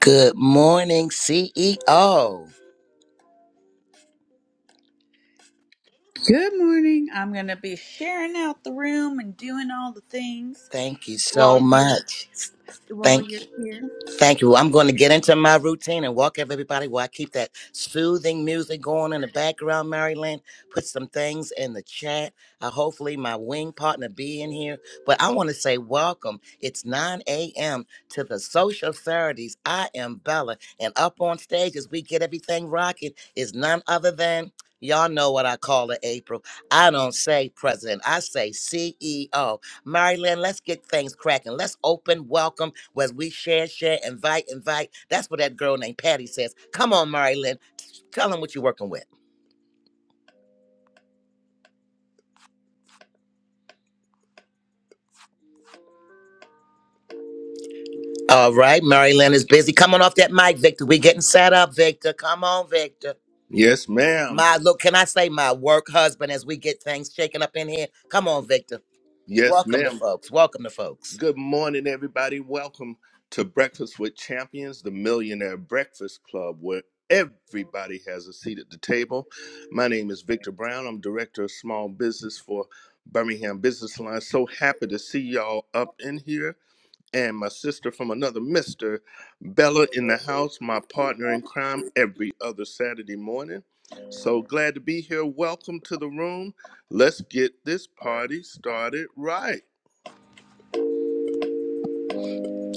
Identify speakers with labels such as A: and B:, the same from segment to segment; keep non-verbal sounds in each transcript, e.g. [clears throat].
A: Good morning, CEO.
B: Good morning. I'm going to be sharing out the room and doing all the things
A: Thank you
B: while
A: so
B: you're
A: much.
B: while
A: Thank.
B: you're here.
A: Thank you. I'm going to get into my routine and walk up everybody while I keep that soothing music going in the background, Maryland. Put some things in the chat. Uh, hopefully, my wing partner be in here. But I want to say welcome. It's 9 a.m. to the Social Saturdays. I am Bella. And up on stage as we get everything rocking is none other than, y'all know what I call her, April. I don't say president. I say CEO. Marilyn, let's get things cracking. Let's open, welcome, as we share, share, invite, invite. That's what that girl named Patty says. Come on, Marilyn, tell them what you're working with. All right, Marilyn is busy. Come on off that mic, Victor. we getting set up, Victor. Come on, Victor.
C: Yes, ma'am.
A: My look, can I say my work husband as we get things shaken up in here? Come on, Victor.
C: Yes,
A: Welcome to
C: ma'am.
A: folks. Welcome to folks.
C: Good morning, everybody. Welcome to Breakfast with Champions, the Millionaire Breakfast Club, where everybody has a seat at the table. My name is Victor Brown. I'm Director of Small Business for Birmingham Business Line. So happy to see y'all up in here. and my sister from another mister, Bella in the house, my partner in crime, every other Saturday morning. So glad to be here. Welcome to the room. Let's get this party started right.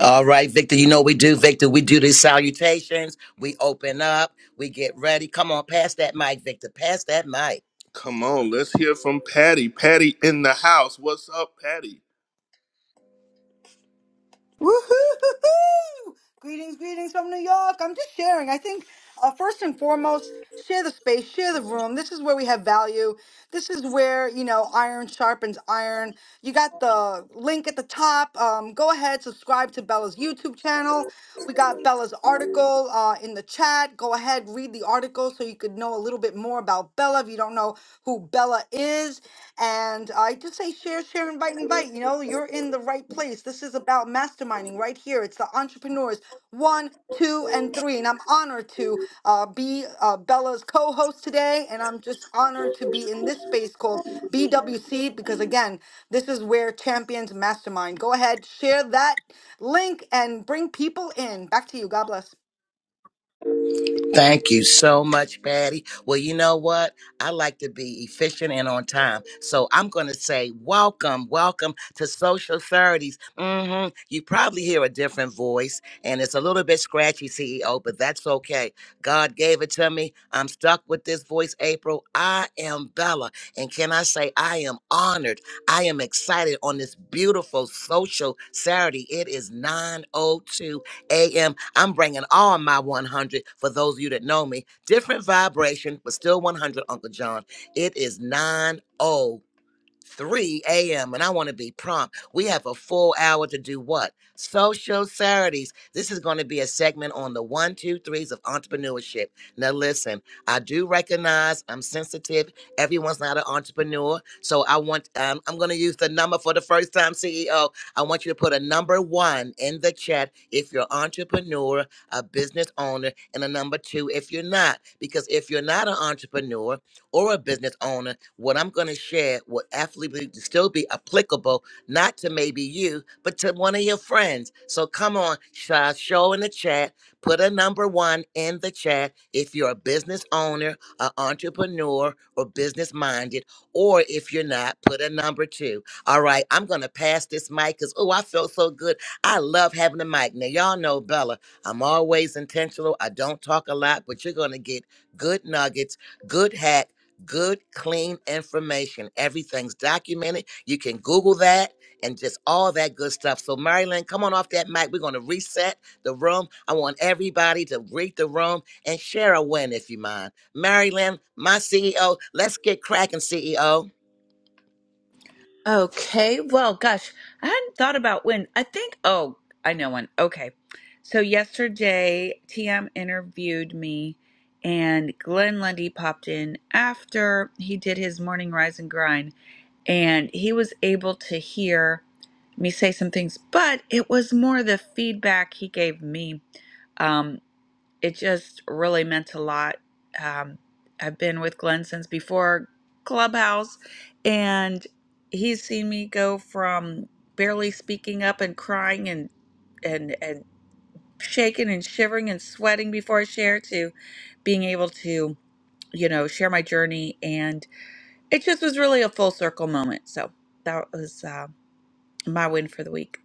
A: All right, Victor, you know what we do, Victor. We do these salutations. We open up. We get ready. Come on, pass that mic, Victor. Pass that mic.
C: Come on, let's hear from Patty. Patty in the house. What's up, Patty?
D: Woohoo! Greetings, greetings from New York. I'm just sharing. I think uh, first and foremost, share the space, share the room. This is where we have value. This is where you know iron sharpens iron. You got the link at the top. Um, go ahead, subscribe to Bella's YouTube channel. We got Bella's article uh, in the chat. Go ahead, read the article so you could know a little bit more about Bella. We don't know who Bella is. And I just say share, share, invite, invite. You know, you're in the right place. This is about masterminding right here. It's the entrepreneurs one, two, and three. And I'm honored to uh, be uh, Bella's co host today. And I'm just honored to be in this space called BWC because, again, this is where champions mastermind. Go ahead, share that link and bring people in. Back to you. God bless.
A: Thank you so much, Patty. Well, you know what? I like to be efficient and on time. So I'm going to say, welcome, welcome to Social 30s. hmm You probably hear a different voice, and it's a little bit scratchy, CEO, but that's okay. God gave it to me. I'm stuck with this voice, April. I am Bella. And can I say, I am honored. I am excited on this beautiful Social Saturday. It is 9.02 a. am bringing all my 100 for those of you that know me. Different vibration, but still 100, Uncle John. It is 9 oh 3 a.m. and I want to be prompt. We have a full hour to do what? Social Saturdays. This is going to be a segment on the one, two, threes of entrepreneurship. Now, listen, I do recognize I'm sensitive. Everyone's not an entrepreneur. So I want, um, I'm going to use the number for the first time, CEO. I want you to put a number one in the chat if you're entrepreneur, a business owner, and a number two if you're not. Because if you're not an entrepreneur, or a business owner, what I'm going to share will absolutely still be applicable, not to maybe you, but to one of your friends. So come on, sh- uh, show in the chat, put a number one in the chat if you're a business owner, an entrepreneur, or business minded, or if you're not, put a number two. All right, I'm going to pass this mic because, oh, I feel so good. I love having the mic. Now, y'all know, Bella, I'm always intentional. I don't talk a lot, but you're going to get good nuggets good hacks, good, clean information. Everything's documented. You can Google that and just all that good stuff. So, Marilyn, come on off that mic. We're going to reset the room. I want everybody to read the room and share a win if you mind. Marilyn, my CEO, let's get cracking, CEO.
B: Okay. Well, gosh, I hadn't thought about when. I think oh, I know when. Okay. So yesterday TM interviewed me and Glenn Lundy popped in after he did his morning rise and grind and he was able to hear me say some things, but it was more the feedback he gave me. Um, it just really meant a lot. Um, I've been with Glenn since before Clubhouse, and he's seen me go from barely speaking up and crying and and and shaking and shivering and sweating before I share to being able to you know share my journey, and it just was really a full circle moment. So that was uh, my win for the week.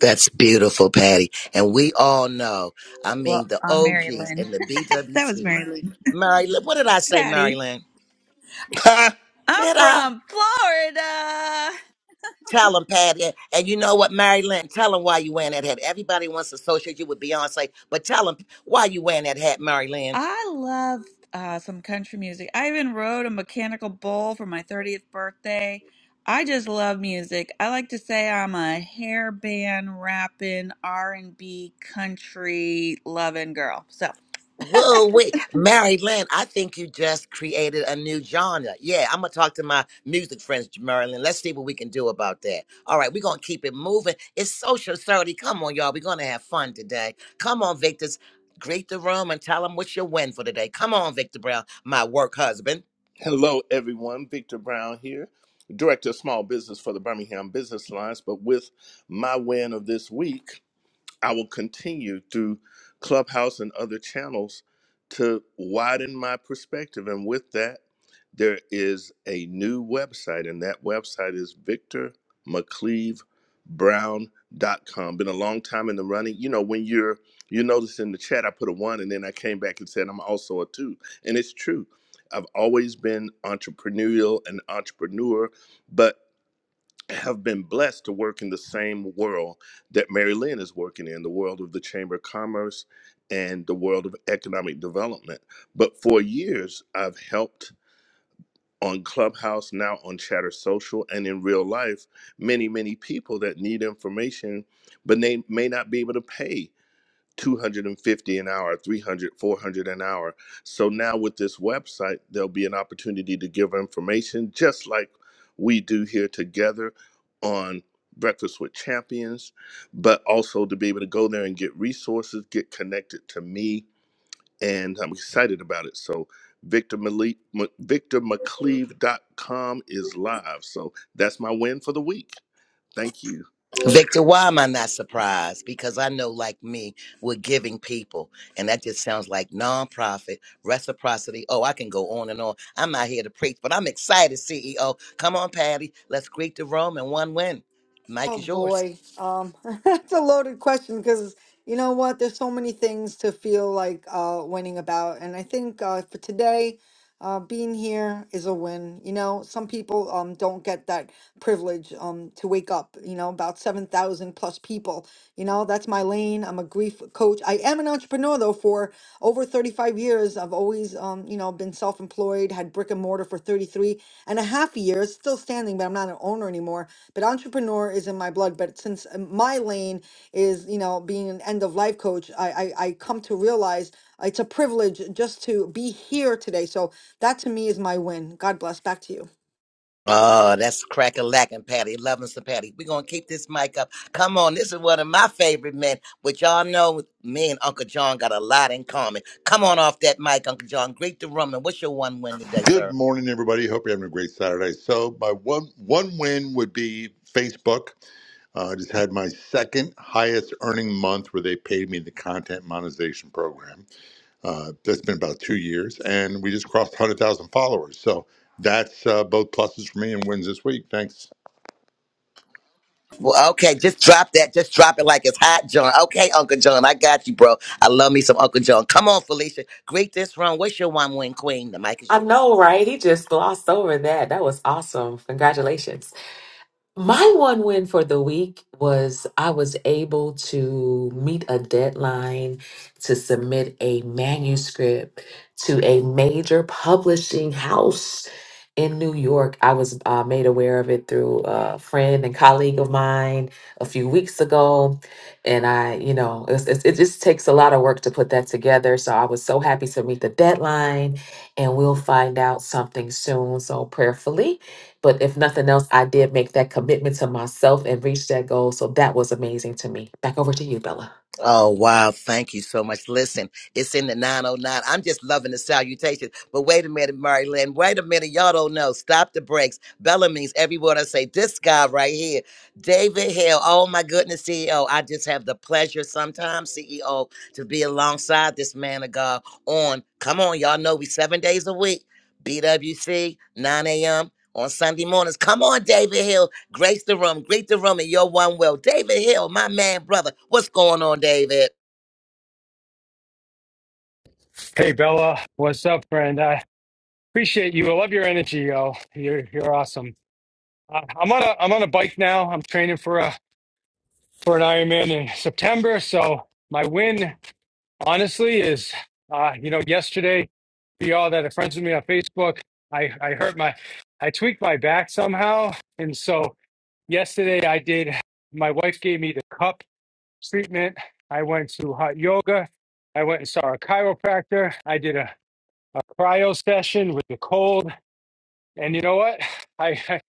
A: That's beautiful, Patty. And we all know, I
B: Well,
A: mean, the
B: I'm Mary
A: OGs
B: Lynn.
A: and the
B: [laughs] that was
A: BWC.
B: Mary Lynn.
A: Mary, Lynn- what did I say,
B: Patty.
A: Maryland?
C: [laughs]
B: I'm
A: Did I?
B: from Florida. [laughs]
A: Tell them, Patty. And you know what, Maryland? Tell them why you wearing that hat. Everybody wants to associate you with Beyonce, but tell them why you wearing that hat, Maryland.
B: I love uh, some country music. I even rode a mechanical bull for my 30th birthday. I just love music. I like to say I'm a hair band rapping R&B country loving girl. So
A: Whoa, wait, Mary Lynn, I think you just created a new genre. Yeah, I'm gonna talk to my music friends, Mary Lynn. Let's see what we can do about that. All right, we're gonna keep it moving. It's social 30. Come on, y'all. We're gonna have fun today. Come on, Victor's. Greet the room and tell them what's your win for today. Come on, Victor Brown, my work husband.
C: Hello, everyone. Victor Brown here, Director of Small Business for the Birmingham Business Alliance. But with my win of this week, I will continue through Clubhouse and other channels to widen my perspective. And with that, there is a new website, and that website is victor mccleave brown dot com. Been a long time in the running. You know, when you're, you notice in the chat, I put a one, and then I came back and said, I'm also a two. And it's true. I've always been entrepreneurial and entrepreneur, but have been blessed to work in the same world that Mary Lynn is working in, the world of the Chamber of Commerce and the world of economic development. But for years, I've helped on Clubhouse, now on Chatter Social, and in real life, many, many people that need information, but they may not be able to pay 250 an hour 300, 400 an hour so now with this website there'll be an opportunity to give information just like we do here together on breakfast with champions but also to be able to go there and get resources get connected to me and i'm excited about it so victor Malik, M- victor mcleave dot com is live so that's my win for the week thank you
A: Victor, why am I not surprised? Because I know, like me, we're giving people, and that just sounds like nonprofit reciprocity. Oh, I can go on and on. I'm not here to preach, but I'm excited, CEO. Come on, Patty. Let's greet the room and one win. Mike
D: Oh
A: is yours.
D: boy, um, [laughs] that's a loaded question because you know what? There's so many things to feel like uh, winning about, and I think uh, for today, uh, being here is a win. You know, some people um don't get that privilege um to wake up. You know, about seven thousand plus people. You know, that's my lane. I'm a grief coach. I am an entrepreneur though. For over 35 years, I've always um you know been self-employed, had brick and mortar for 33 and a half years, still standing, but I'm not an owner anymore. But entrepreneur is in my blood. But since uh, my lane is you know being an end of life coach I, I i come to realize it's a privilege just to be here today so that to me is my win god bless back to you
A: Oh, that's crack a lacking, Patty. Loving some Patty. We're going to keep this mic up. Come on. This is one of my favorite men, which y'all know me and Uncle John got a lot in common. Come on off that mic, Uncle John. Greet the room. And what's your one win today,
E: Good
A: sir?
E: morning, everybody. Hope you're having a great Saturday. So, my one one win would be Facebook. Uh, I just had my second highest earning month where they paid me the content monetization program. Uh, that's been about two years, and we just crossed 100,000 followers. So that's uh, both pluses for me and wins this week. Thanks.
A: Well, okay, just drop that. Just drop it like it's hot, John. Okay, Uncle John, I got you, bro. I love me some Uncle John. Come on, Felicia. Greet this room. What's your one win queen? The mic is
F: I
A: yours.
F: know, right? He just glossed over that. That was awesome. Congratulations. My one win for the week was I was able to meet a deadline to submit a manuscript to a major publishing house in New York. I was uh, made aware of it through a friend and colleague of mine a few weeks ago. And I, you know, it's, it's, it just takes a lot of work to put that together. So I was so happy to meet the deadline, and we'll find out something soon. So prayerfully. But if nothing else, I did make that commitment to myself and reach that goal. So that was amazing to me. Back over to you, Bella.
A: Oh wow, thank you so much. Listen, it's in the 909. I'm just loving the salutation. But wait a minute, Mary Lynn. Wait a minute. Y'all don't know. Stop the brakes. Bella means every word I say. This guy right here, David Hill. Oh my goodness, CEO. I just have the pleasure sometimes, CEO, to be alongside this man of God on. Come on, y'all know we seven days a week. BWC, 9 a.m. on Sunday mornings. Come on, David Hill. Grace the room, greet the room, and you're one well. David Hill, my man, brother. What's going on, David?
G: Hey Bella, what's up, friend? I appreciate you. I love your energy, yo. You're you're awesome. Uh, I'm on a I'm on a bike now. I'm training for a for an Ironman in September. So my win, honestly, is uh, you know yesterday, for y'all that are friends with me on Facebook, I I hurt my I tweaked my back somehow, and so yesterday I did. My wife gave me the cup treatment. I went to hot yoga. I went and saw a chiropractor. I did a a cryo session with the cold. And you know what? [laughs] I, I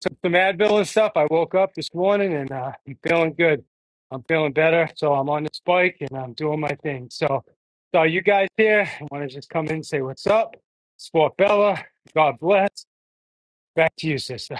G: took some Advil and stuff. I woke up this morning and uh, I'm feeling good. I'm feeling better. So I'm on this bike and I'm doing my thing. So, so you guys here, I want to just come in and say what's up. Sport Bella, God bless. Back to you, sister.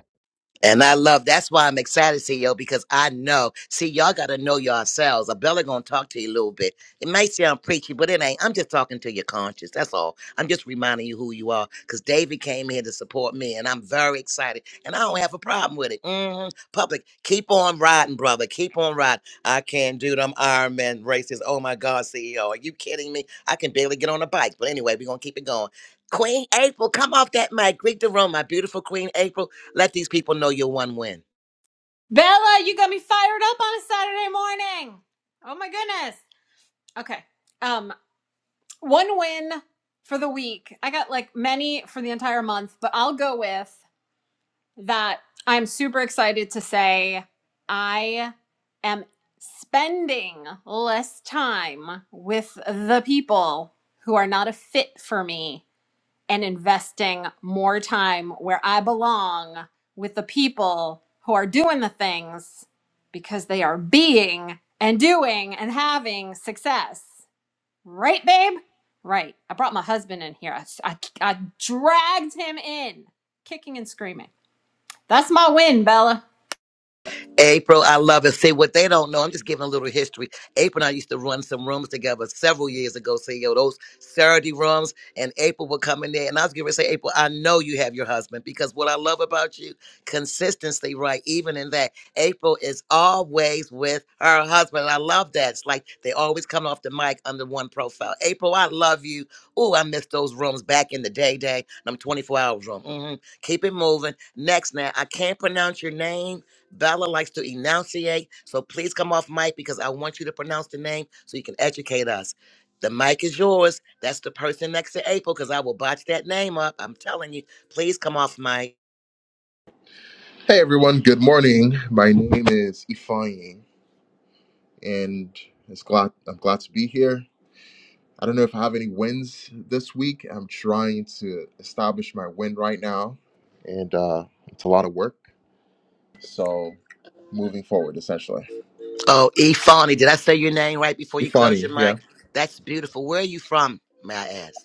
A: And I love that's why I'm excited, CEO, because I know. See, y'all gotta know yourselves. Abella gonna talk to you a little bit. It might sound preachy, but it ain't. I'm just talking to your conscience. That's all. I'm just reminding you who you are. Cause David came here to support me, and I'm very excited. And I don't have a problem with it. Mhm. Public, keep on riding, brother. Keep on riding. I can't do them Ironman races. Oh my God, CEO. Are you kidding me? I can barely get on a bike. But anyway, we're gonna keep it going. Queen April, come off that mic. Greet the room, my beautiful Queen April. Let these people know you're one win.
H: Bella, you got me fired up on a Saturday morning. Oh my goodness. Okay. Um, one win for the week. I got like many for the entire month, but I'll go with that. I'm super excited to say I am spending less time with the people who are not a fit for me and investing more time where I belong with the people who are doing the things because they are being and doing and having success. Right, babe? Right. I brought my husband in here. I, I, I dragged him in, kicking and screaming. That's my win, Bella.
A: April, I love it. See what they don't know. I'm just giving a little history. April and I used to run some rooms together several years ago. Say yo, those Saturday rooms, and April would come in there, and I was going to say, April, I know you have your husband because what I love about you, consistency, right? Even in that, April is always with her husband. And I love that. It's like they always come off the mic under one profile. April, I love you. Ooh, I miss those rooms back in the day, day. And I'm 24 hours room. hmm Keep it moving. Next, now I can't pronounce your name. Bella likes to enunciate, so please come off mic because I want you to pronounce the name so you can educate us. The mic is yours. That's the person next to April because I will botch that name up. I'm telling you. Please come off mic.
I: Hey everyone, good morning. My name is Ifying, and it's glad I'm glad to be here. I don't know if I have any wins this week. I'm trying to establish my win right now, and uh, it's a lot of work. So moving forward, essentially.
A: Oh, E. Fawny, did I say your name right before you close
I: Ifani,
A: your
I: yeah.
A: mic? That's beautiful. Where are you from, may I ask?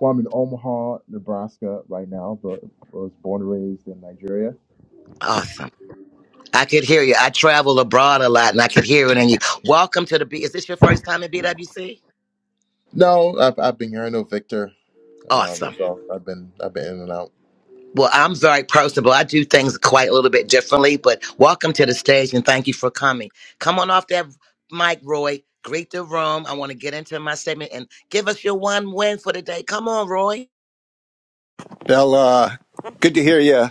I: Well, I'm in Omaha, Nebraska right now, but I was born and raised in Nigeria.
A: Awesome. I could hear you. I travel abroad a lot and I could hear it in you. Welcome to the B. Is this your first time at BWC?
I: No, I've, I've been here. I know Victor, um,
A: Awesome.
I: so I've been I've been in and out.
A: Well, I'm very personable. I do things quite a little bit differently, but welcome to the stage and thank you for coming. Come on off that mic, Roy. Greet the room. I want to get into my segment and give us your one win for the day. Come on, Roy.
J: Bella, good to hear you.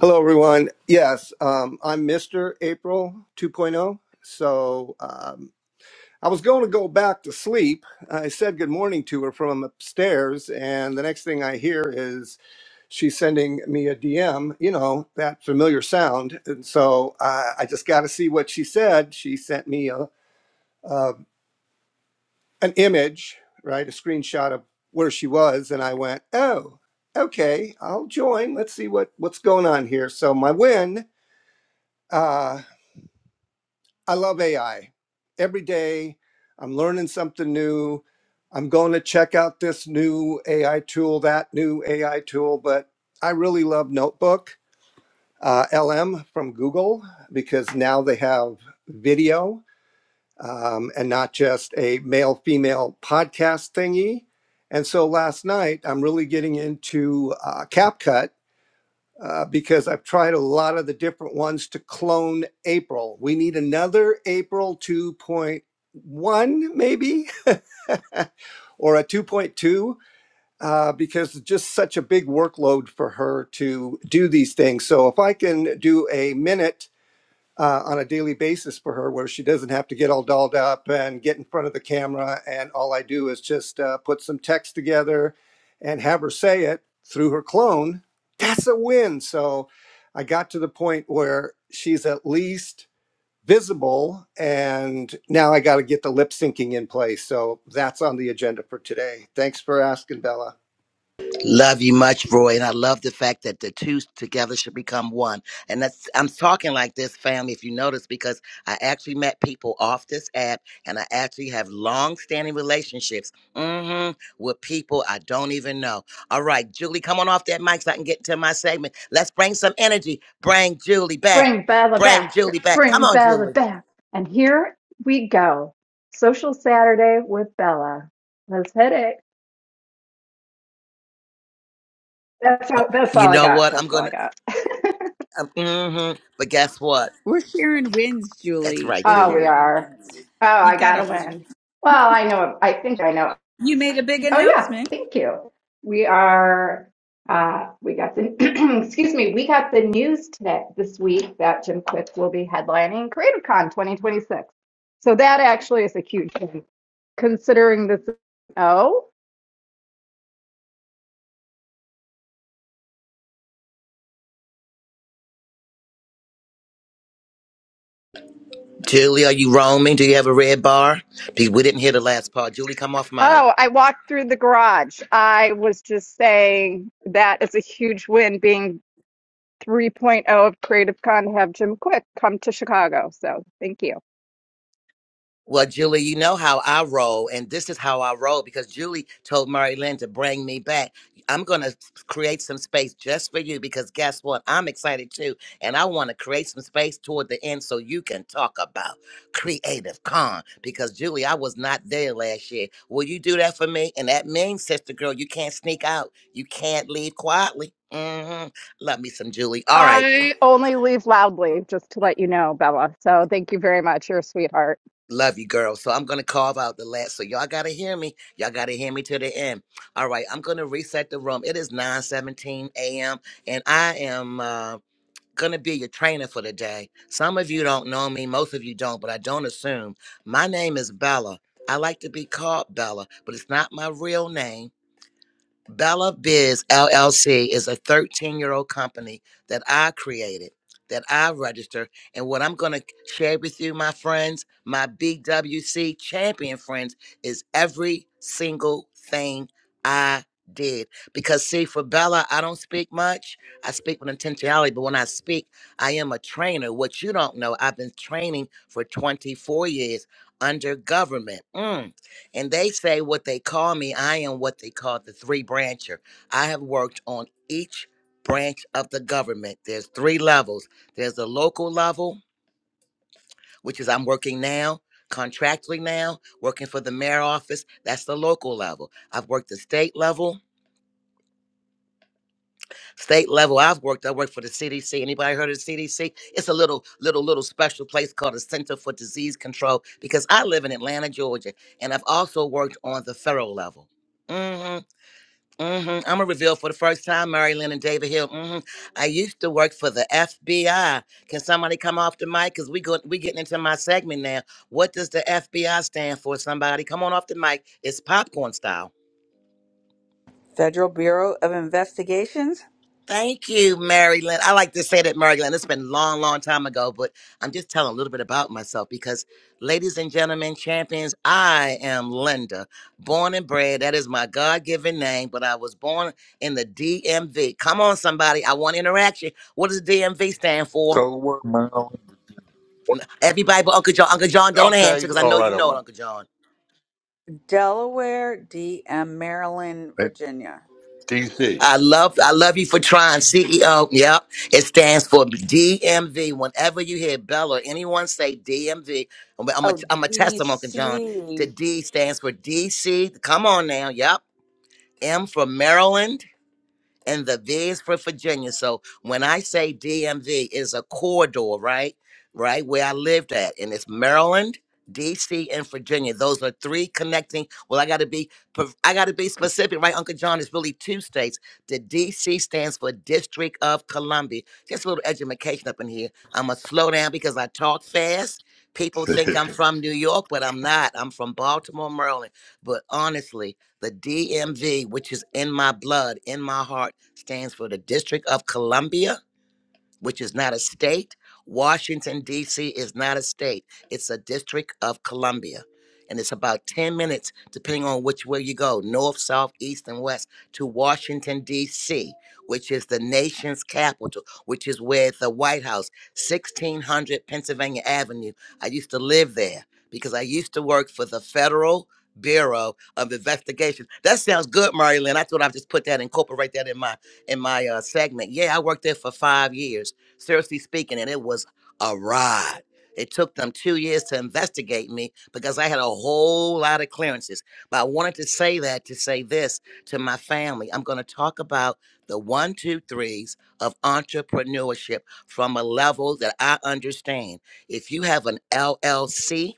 J: Hello, everyone. Yes, um, I'm Mr. April 2.0. So um, I was going to go back to sleep. I said good morning to her from upstairs, and the next thing I hear is she's sending me a DM, you know, that familiar sound. And so uh, I just got to see what she said. She sent me a, a an image, right, a screenshot of where she was, and I went, "Oh, okay, I'll join. Let's see what what's going on here." So my win. Uh, I love AI. Every day, I'm learning something new. I'm going to check out this new AI tool, that new AI tool, but I really love Notebook uh, LM from Google because now they have video um, and not just a male female podcast thingy. And so last night, I'm really getting into uh, CapCut uh, because I've tried a lot of the different ones to clone April. We need another April 2.1, maybe, [laughs] or a 2.2. Uh, because it's just such a big workload for her to do these things. So, if I can do a minute uh, on a daily basis for her where she doesn't have to get all dolled up and get in front of the camera. And all I do is just uh, put some text together and have her say it through her clone. That's a win. So I got to the point where she's at least visible. And now I got to get the lip syncing in place. So that's on the agenda for today. Thanks for asking, Bella.
A: Love you much, Roy, and I love the fact that the two together should become one. And that's I'm talking like this, family, if you notice, because I actually met people off this app, and I actually have long-standing relationships mhm, with people I don't even know. All right, Julie, come on off that mic so I can get to my segment. Let's bring some energy. Bring Julie back.
K: Bring Bella
A: Bring
K: back.
A: Julie back. Come
K: Bring
A: on,
K: Bella
A: Julie.
K: back. And here we go. Social Saturday with Bella. Let's hit it. That's
A: Oh,
K: all, that's
A: you
K: all I
A: know
K: got.
A: what? I'm
K: That's all
A: gonna.
K: I got. [laughs]
A: Um, mhm, But guess what?
B: we're sharing wins,
A: That's
B: Julie.
A: right,
B: We're
K: oh, we
A: Julie.
B: sharing
K: are.
B: wins.
K: Oh,
B: You
K: I got to
B: gotta win.
K: win. Well, I know. I think I know
B: You made a big
K: Oh yeah,
B: announcement.
K: thank you. We are uh, we got the [clears throat] excuse me, we got the news today this week that Jim Quick will be headlining CreativeCon 2026. So that actually is a huge thing, considering this. Oh,
A: Julie, are you roaming? Do you have a red bar? Be- We didn't hear the last part. Julie, come off mic.
K: oh, I walked through the garage. I was just saying that is a huge win being 3.0 of CreativeCon to have Jim Quick come to Chicago. So thank you.
A: Well, Julie, you know how I roll, and this is how I roll because Julie told Mary Lynn to bring me back. I'm going to create some space just for you because guess what? I'm excited too, and I want to create some space toward the end so you can talk about Creative Con because, Julie, I was not there last year. Will you do that for me? And that means, sister girl, you can't sneak out. You can't leave quietly. hmm Love me some Julie. All right.
K: I only leave loudly, just to let you know, Bella. So thank you very much. You're a sweetheart.
A: Love you, girl. So I'm gonna carve out the last. So y'all gotta hear me. Y'all gotta hear me to the end. All right, I'm gonna reset the room. It is 9:17 a.m. and I am uh, gonna be your trainer for the day. Some of you don't know me, most of you don't, but I don't assume. My name is Bella. I like to be called Bella, but it's not my real name. Bella Biz LLC is a 13 year old company that I created, that I registered. And what I'm going to share with you, my friends, my BWC champion friends, is every single thing I did. Because, see, for Bella, I don't speak much. I speak with intentionality, but when I speak, I am a trainer. What you don't know, I've been training for 24 years under government. Mm and they say what they call me i am what they call the three brancher i have worked on each branch of the government there's three levels there's the local level which is i'm working now contractually now working for the mayor office that's the local level i've worked the state level state level i've worked i worked for the cdc anybody heard of the cdc it's a little little little special place called the center for disease control because i live in atlanta georgia and i've also worked on the federal level Mhm. hmm I'm gonna reveal for the first time, Mary Lynn and David Hill. hmm I used to work for the FBI. Can somebody come off the mic? Cause we go, we getting into my segment now. What does the FBI stand for? Somebody come on off the mic. It's popcorn style.
B: Federal Bureau of Investigations,
A: Thank you, Marilyn. I like to say that, Marilyn. It's been a long, long time ago, but I'm just telling a little bit about myself because, ladies and gentlemen, champions, I am Linda, born and bred. That is my God given name, but I was born in the DMV. Come on, somebody. I want interaction. What does DMV stand for?
E: So what, Marilyn?
A: Everybody but Uncle John. Uncle John, don't answer
E: Okay.
A: because I
E: All
A: know you
E: right. I
A: know it,
E: won't.
A: Uncle John.
B: Delaware, DM, Maryland,
E: And
B: Virginia.
E: DC.
A: I love I love you for trying CEO. Yep. It stands for DMV. Whenever you hear Bella or anyone say DMV, I'm a,
B: Oh,
A: I'm a testimony, John.
B: DC.
A: The D stands for DC. Come on now. Yep. M for Maryland and the V is for Virginia. So when I say DMV is a corridor, right? Right where I lived at, and it's Maryland, DC, and Virginia. Those are three connecting. Well, I got to be, per- I got to be specific, right, Uncle John? It's really two states. The DC stands for District of Columbia. Just a little education up in here. I'm gonna slow down because I talk fast. People
E: [laughs]
A: think I'm from New York, but I'm not. I'm from Baltimore, Maryland. But honestly, the DMV, which is in my blood, in my heart stands for the District of Columbia, which is not a state. Washington, D.C. is not a state, it's a District of Columbia. And it's about 10 minutes, depending on which way you go north, south, east, and west to Washington, D.C., which is the nation's capital, which is where the White House, 1600 Pennsylvania Avenue. I used to live there because I used to work for the Federal Bureau of Investigation. That sounds good, Marilyn. I thought I'd just put that, incorporate that in my in my uh, segment. Yeah, I worked there for five years, seriously speaking, and it was a ride. It took them two years to investigate me because I had a whole lot of clearances. But I wanted to say that to say this to my family. I'm going to talk about the one, two, threes of entrepreneurship from a level that I understand. If you have an LLC,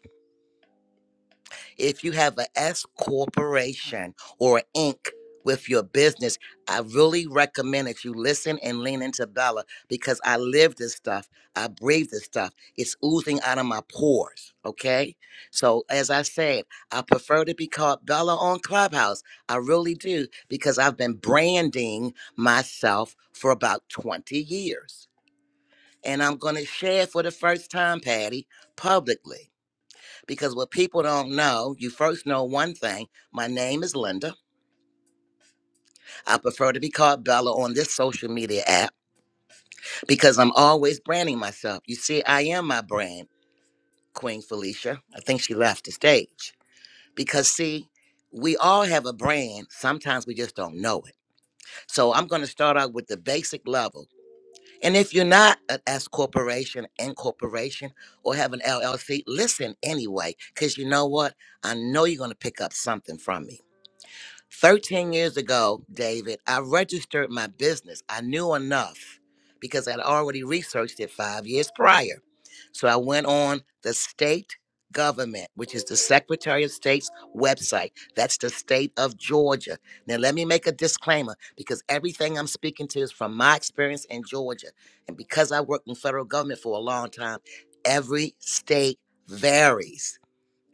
A: if you have an S corporation or a Inc. with your business, I really recommend that you listen and lean into Bella because I live this stuff. I breathe this stuff. It's oozing out of my pores. Okay. So as I said, I prefer to be called Bella on Clubhouse. I really do because I've been branding myself for about 20 years. And I'm going to share for the first time, Patty, publicly because what people don't know, you first know one thing. My name is Linda. I prefer to be called Bella on this social media app because I'm always branding myself. You see, I am my brand, Queen Felicia. I think she left the stage because, see, we all have a brand. Sometimes we just don't know it. So I'm going to start out with the basic level. And if you're not an S corporation, N corporation, or have an LLC, listen anyway, because you know what? I know you're going to pick up something from me. 13 years ago, David, I registered my business. I knew enough because I'd already researched it five years prior. So I went on the state government, which is the Secretary of State's website. That's the state of Georgia. Now, let me make a disclaimer because everything I'm speaking to is from my experience in Georgia. And because I worked in federal government for a long time, every state varies.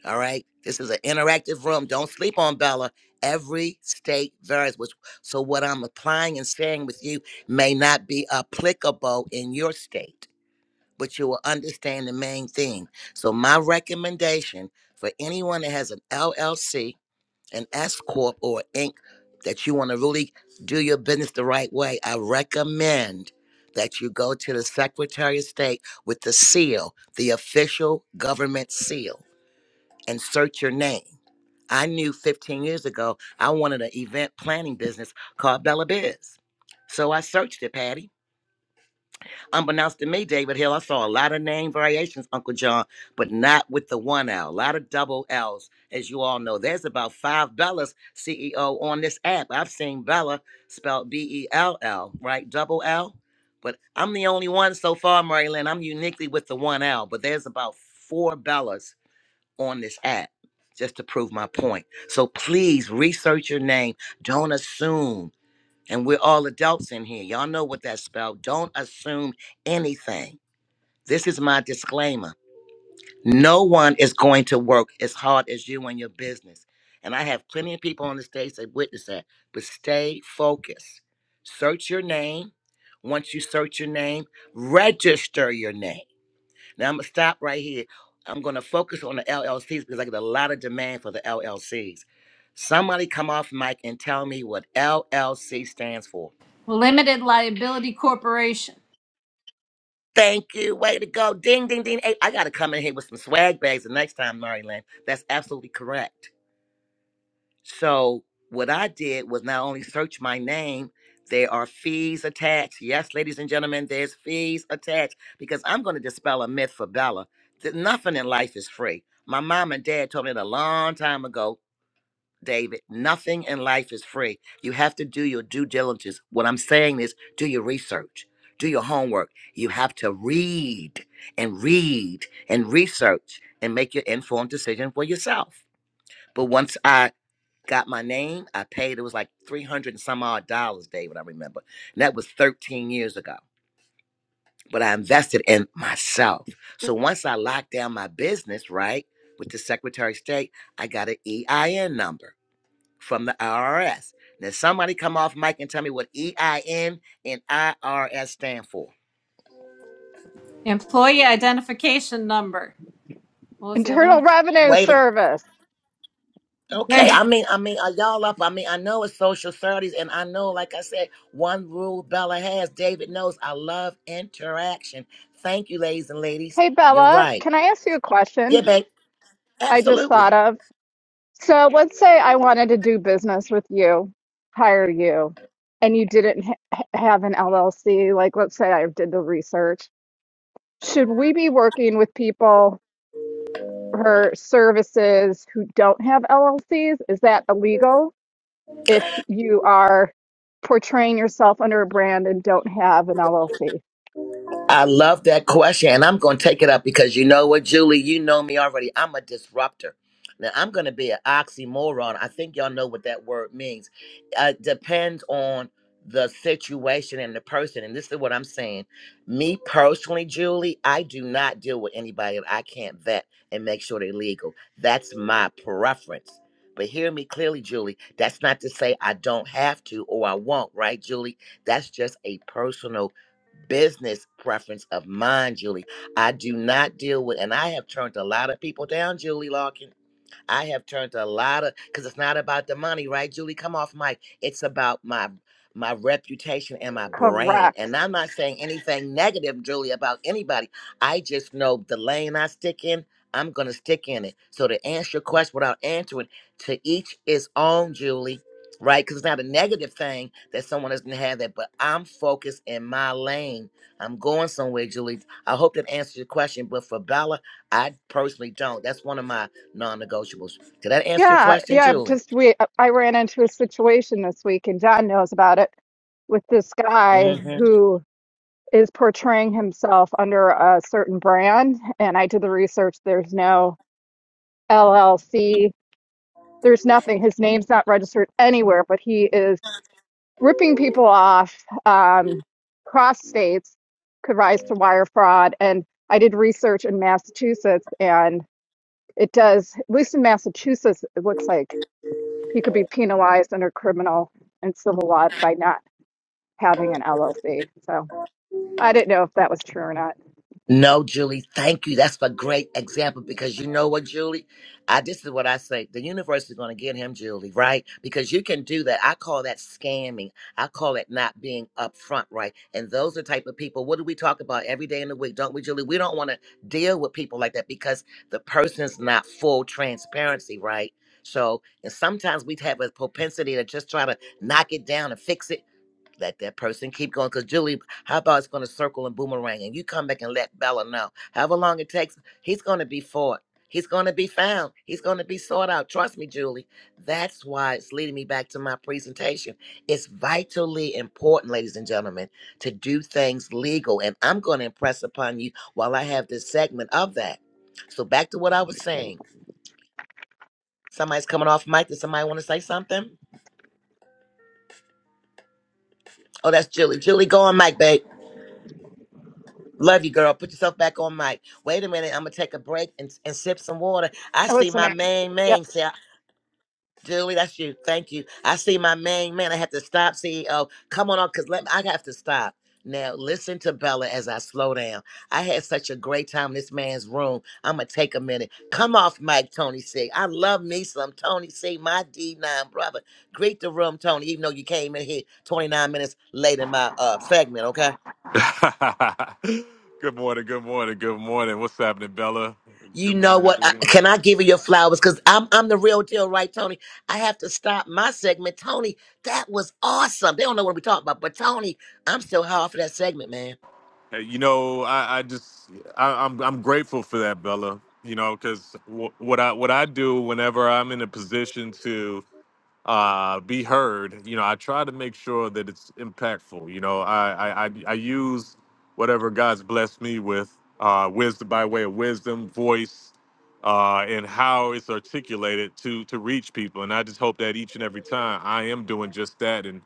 A: All right. This is an interactive room. Don't sleep on Bella. Every state varies. Which, so what I'm applying and sharing with you may not be applicable in your state, but you will understand the main thing. So my recommendation for anyone that has an LLC, an S corp, or Inc. that you want to really do your business the right way, I recommend that you go to the Secretary of State with the seal, the official government seal and search your name. I knew 15 years ago I wanted an event planning business called Bella Biz. So I searched it, Patty. Unbeknownst to me, David Hill, I saw a lot of name variations, Uncle John, but not with the one L. A lot of double L's, as you all know. There's about five Bellas CEO on this app. I've seen Bella spelled B E L L, right? Double L. But I'm the only one so far, Marilyn. I'm uniquely with the one L, but there's about four Bellas on this app just to prove my point. So please research your name. Don't assume. And we're all adults in here. Y'all know what that spelled. Don't assume anything. This is my disclaimer. No one is going to work as hard as you and your business. And I have plenty of people on the stage that witness that. But stay focused. Search your name. Once you search your name, register your name. Now I'm gonna stop right here. I'm gonna focus on the LLCs because I get a lot of demand for the LLCs. Somebody come off mic and tell me what LLC stands for.
H: Limited Liability Corporation.
A: Thank you. Way to go. Ding, ding, ding. Hey, I gotta come in here with some swag bags the next time, Mary Lynn. That's absolutely correct. So what I did was not only search my name, there are fees attached. Yes, ladies and gentlemen, there's fees attached because I'm going to dispel a myth for Bella that nothing in life is free. My mom and dad told me that a long time ago, David, nothing in life is free. You have to do your due diligence. What I'm saying is do your research, do your homework. You have to read and read and research and make your informed decision for yourself. But once I got my name. I paid, it was like 300 and some odd dollars, David, I remember. And that was 13 years ago. But I invested in myself. So once I locked down my business, right, with the Secretary of State, I got an EIN number from the IRS. Now somebody come off mic and tell me what EIN and IRS stand for.
H: Employee identification number. What was the other
K: Internal
H: one?
K: Revenue
A: Wait a
K: Service.
H: There.
A: Okay, I mean, I mean, are y'all up? I mean, I know it's social studies, and I know, like I said, one rule Bella has, David knows. I love interaction. Thank you, ladies and ladies.
K: Hey,
A: You're
K: Bella,
A: right.
K: can I ask you a
A: Yeah,
K: question
A: babe.
K: I just
A: Absolutely.
K: thought of? So let's say I wanted to do business with you, hire you, and you didn't ha- have an LLC. Like, let's say I did the research. Should we be working with people for services who don't have LLCs? Is that illegal? if you are portraying yourself under a brand and don't have an LLC.
A: I love that question, and I'm going to take it up because you know what, Julie, you know me already. I'm a disruptor. Now I'm going to be an oxymoron. I think y'all know what that word means. Uh, depends on the situation and the person, and this is what I'm saying. Me personally, Julie, I do not deal with anybody that I can't vet and make sure they're legal. That's my preference. But hear me clearly, Julie. That's not to say I don't have to or I won't, right, Julie? That's just a personal business preference of mine, Julie. I do not deal with, and I have turned a lot of people down, Julie Larkin I have turned a lot of because it's not about the money, right, Julie? Come off mic. It's about my my reputation and my brand.
K: Correct.
A: And I'm not saying anything negative, Julie, about anybody. I just know the lane I stick in, I'm gonna stick in it. So to answer your question without answering, to each is own, Julie. Right, because it's not a negative thing that someone doesn't have that, but I'm focused in my lane. I'm going somewhere, Julie. I hope that answers your question. But for Bella, I personally don't. That's one of my non-negotiables. Did that answer your
K: Yeah,
A: question,
K: yeah.
A: Julie?
K: Just we, I ran into a situation this week, and John knows about it with this guy
A: hmm
K: who is portraying himself under a certain brand. And I did the research. There's no LLC. There's nothing. His name's not registered anywhere, but he is ripping people off um, cross states could rise to wire fraud. And I did research in Massachusetts, and it does, at least in Massachusetts, it looks like he could be penalized under criminal and civil law by not having an LLC. So I didn't know if that was true or not.
A: No, Julie. Thank you. That's a great example because you know what, Julie? I this is what I say. The universe is going to get him, Julie, right? Because you can do that. I call that scamming. I call it not being upfront, right? And those are the type of people. What do we talk about every day in the week, don't we, Julie? We don't want to deal with people like that because the person's not full transparency, right? So, and sometimes we have a propensity to just try to knock it down and fix it let that person keep going. Because Julie, how about it's going to circle and boomerang, and you come back and let Bella know. However long it takes, he's going to be fought. He's going to be found. He's going to be sought out. Trust me, Julie. That's why it's leading me back to my presentation. It's vitally important, ladies and gentlemen, to do things legal. And I'm going to impress upon you while I have this segment of that. So back to what I was saying. Somebody's coming off mic. Does somebody want to say something? Oh, that's Julie. Julie, go on mic, babe. Love you, girl. Put yourself back on mic. Wait a minute. I'm gonna take a break and, and sip some water. I
K: Oh,
A: see
K: it's the
A: my
K: next.
A: main
K: Yep.
A: man. Say, Julie, that's you. Thank you. I see my main man. I have to stop, CEO. Come on up, cause let I have to stop. Now listen to Bella as I slow down. I had such a great time in this man's room. I'm gonna take a minute. Come off mic, Tony C. I love me some Tony C. My D9 brother. Greet the room, Tony. Even though you came in here 29 minutes late in my uh segment, okay?
L: [laughs] good morning, good morning, good morning. What's happening, Bella?
A: You
L: Good
A: know
L: morning,
A: what? I,
L: everyone.
A: can I give you your flowers? Because I'm I'm the real deal, right, Tony? I have to stop my segment. Tony, that was awesome. They don't know what we're talking about, but Tony, I'm still high off of that segment, man.
L: Hey, you know, I, I just I, I'm I'm grateful for that, Bella. You know, because what I what I do whenever I'm in a position to uh, be heard. You know, I try to make sure that it's impactful. You know, I I I, I use whatever God's blessed me with, uh, wisdom by way of wisdom, voice, uh, and how it's articulated to to reach people. And I just hope that each and every time I am doing just that, and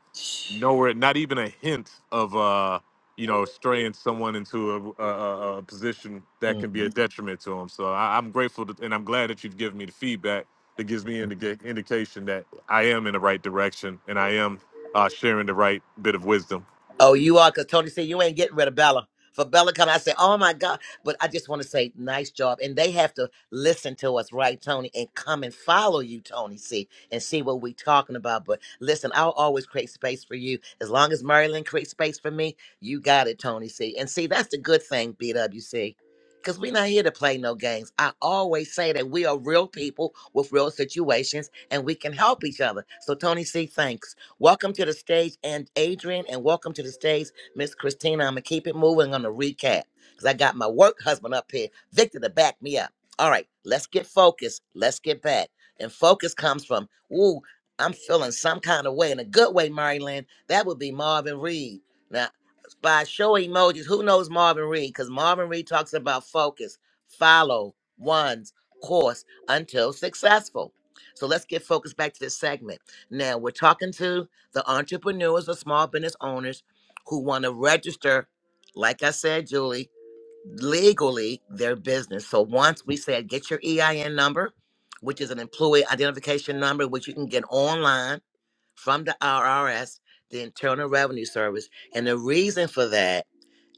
L: nowhere, not even a hint of. Uh, you know, straying someone into a, a, a a position that can be
A: Mhm.
L: a detriment to them. So I, I'm grateful, to, and I'm glad that you've given me the feedback that gives me an indication that I am in the right direction and I am uh, sharing the right bit of wisdom
A: Oh, you are, because Tony said you ain't getting rid of Bella. For Bella come, I say, oh my God. But I just want to say, nice job. And they have to listen to us, right, Tony, and come and follow you, Tony, see, and see what we talking about. But listen, I'll always create space for you. As long as Marilyn creates space for me, you got it, Tony, see. And see, that's the good thing, BWC. Because we're not here to play no games. I always say that we are real people with real situations and we can help each other. So, Tony C, thanks. Welcome to the stage, and Adrian, and welcome to the stage, Miss Christina. I'm gonna keep it moving. I'm gonna recap because I got my work husband up here, Victor, to back me up. All right, let's get focused. Let's get back. And focus comes from, ooh, I'm feeling some kind of way in a good way, Marilyn. That would be Marvin Reed. Now, by show of emojis, who knows Marvin Reed? Because Marvin Reed talks about focus, follow one's course until successful. So let's get focused back to this segment. Now we're talking to the entrepreneurs or small business owners who want to register, like I said, Julie, legally their business. So once we said get your EIN number, which is an employee identification number, which you can get online from the IRS, the Internal Revenue Service. And the reason for that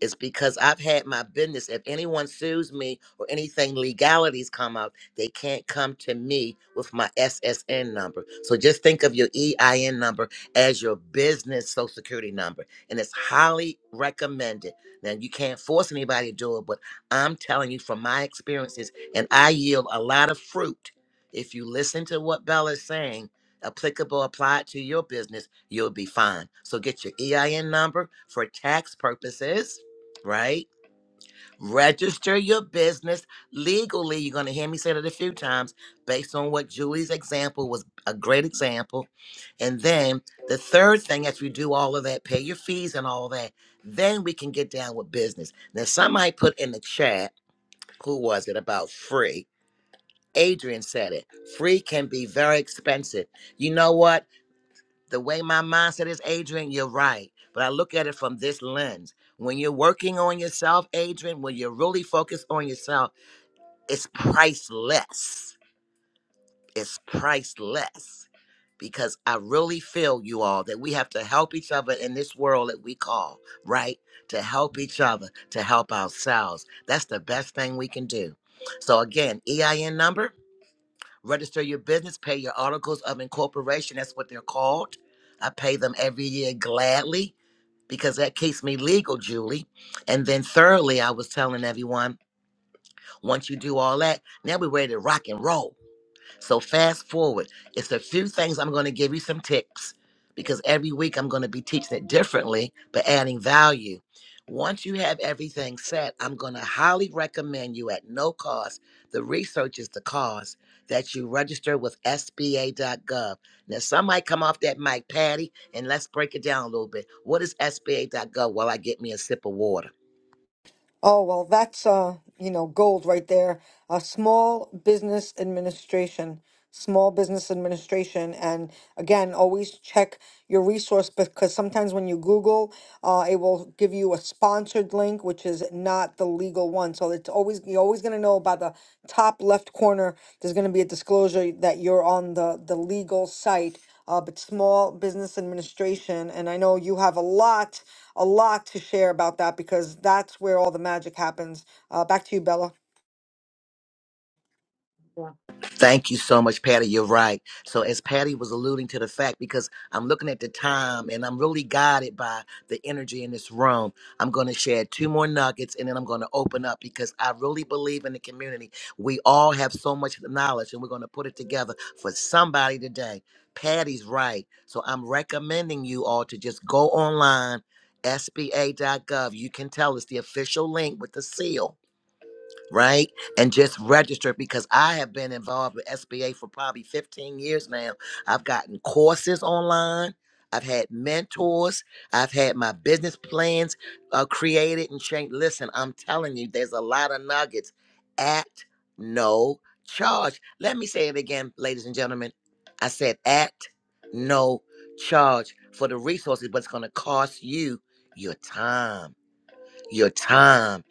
A: it's because I've had my business. If anyone sues me or anything legalities come up, they can't come to me with my SSN number. So just think of your EIN number as your business social security number. And it's highly recommended. Now you can't force anybody to do it, but I'm telling you from my experiences, and I yield a lot of fruit. If you listen to what Bella is saying, applicable, apply it to your business, you'll be fine. So get your EIN number for tax purposes right? Register your business legally. You're going to hear me say that a few times based on what Julie's example was a great example. And then the third thing, as we do all of that, pay your fees and all that, then we can get down with business. Now, somebody put in the chat, who was it about free? Adrian said it. Free can be very expensive. You know what? the way my mindset is, Adrian, you're right. But I look at it from this lens. When you're working on yourself, Adrian, when you're really focused on yourself, it's priceless. It's priceless. Because I really feel you all that we have to help each other in this world that we call, right? To help each other, to help ourselves. That's the best thing we can do. So again, EIN number register your business, pay your articles of incorporation. That's what they're called. I pay them every year gladly because that keeps me legal, Julie. And then, thirdly, I was telling everyone once you do all that, now we're ready to rock and roll. So fast forward. It's a few things I'm going to give you some tips because every week I'm going to be teaching it differently, but adding value. Once you have everything set, I'm going to highly recommend you at no cost. The research is the cause that you register with SBA.gov. Now, some might come off that mic, Patty, and let's break it down a little bit. What is SBA.gov? While I get me a sip of water.
D: Oh, well, that's uh, you know, gold right there. Uh, small business administration, small business administration, and again, always check your resource because sometimes when you Google, uh, it will give you a sponsored link, which is not the legal one. So it's always you're always gonna know by the top left corner. There's gonna be a disclosure that you're on the the legal site. Uh, but small business administration, and I know you have a lot a lot to share about that because that's where all the magic happens. Uh, back to you, Bella.
A: Thank you so much, Patty. You're right. So, as Patty was alluding to the fact, because I'm looking at the time and I'm really guided by the energy in this room, I'm going to share two more nuggets and then I'm going to open up because I really believe in the community. We all have so much knowledge and we're going to put it together for somebody today. Patty's right. So, I'm recommending you all to just go online. SBA.gov. You can tell us the official link with the seal right? And just register because I have been involved with SBA for probably 15 years now. I've gotten courses online. I've had mentors. I've had my business plans uh, created and changed. Listen, I'm telling you, there's a lot of nuggets at no charge. Let me say it again, ladies and gentlemen. I said at no charge for the resources, but it's going to cost you your time. Your time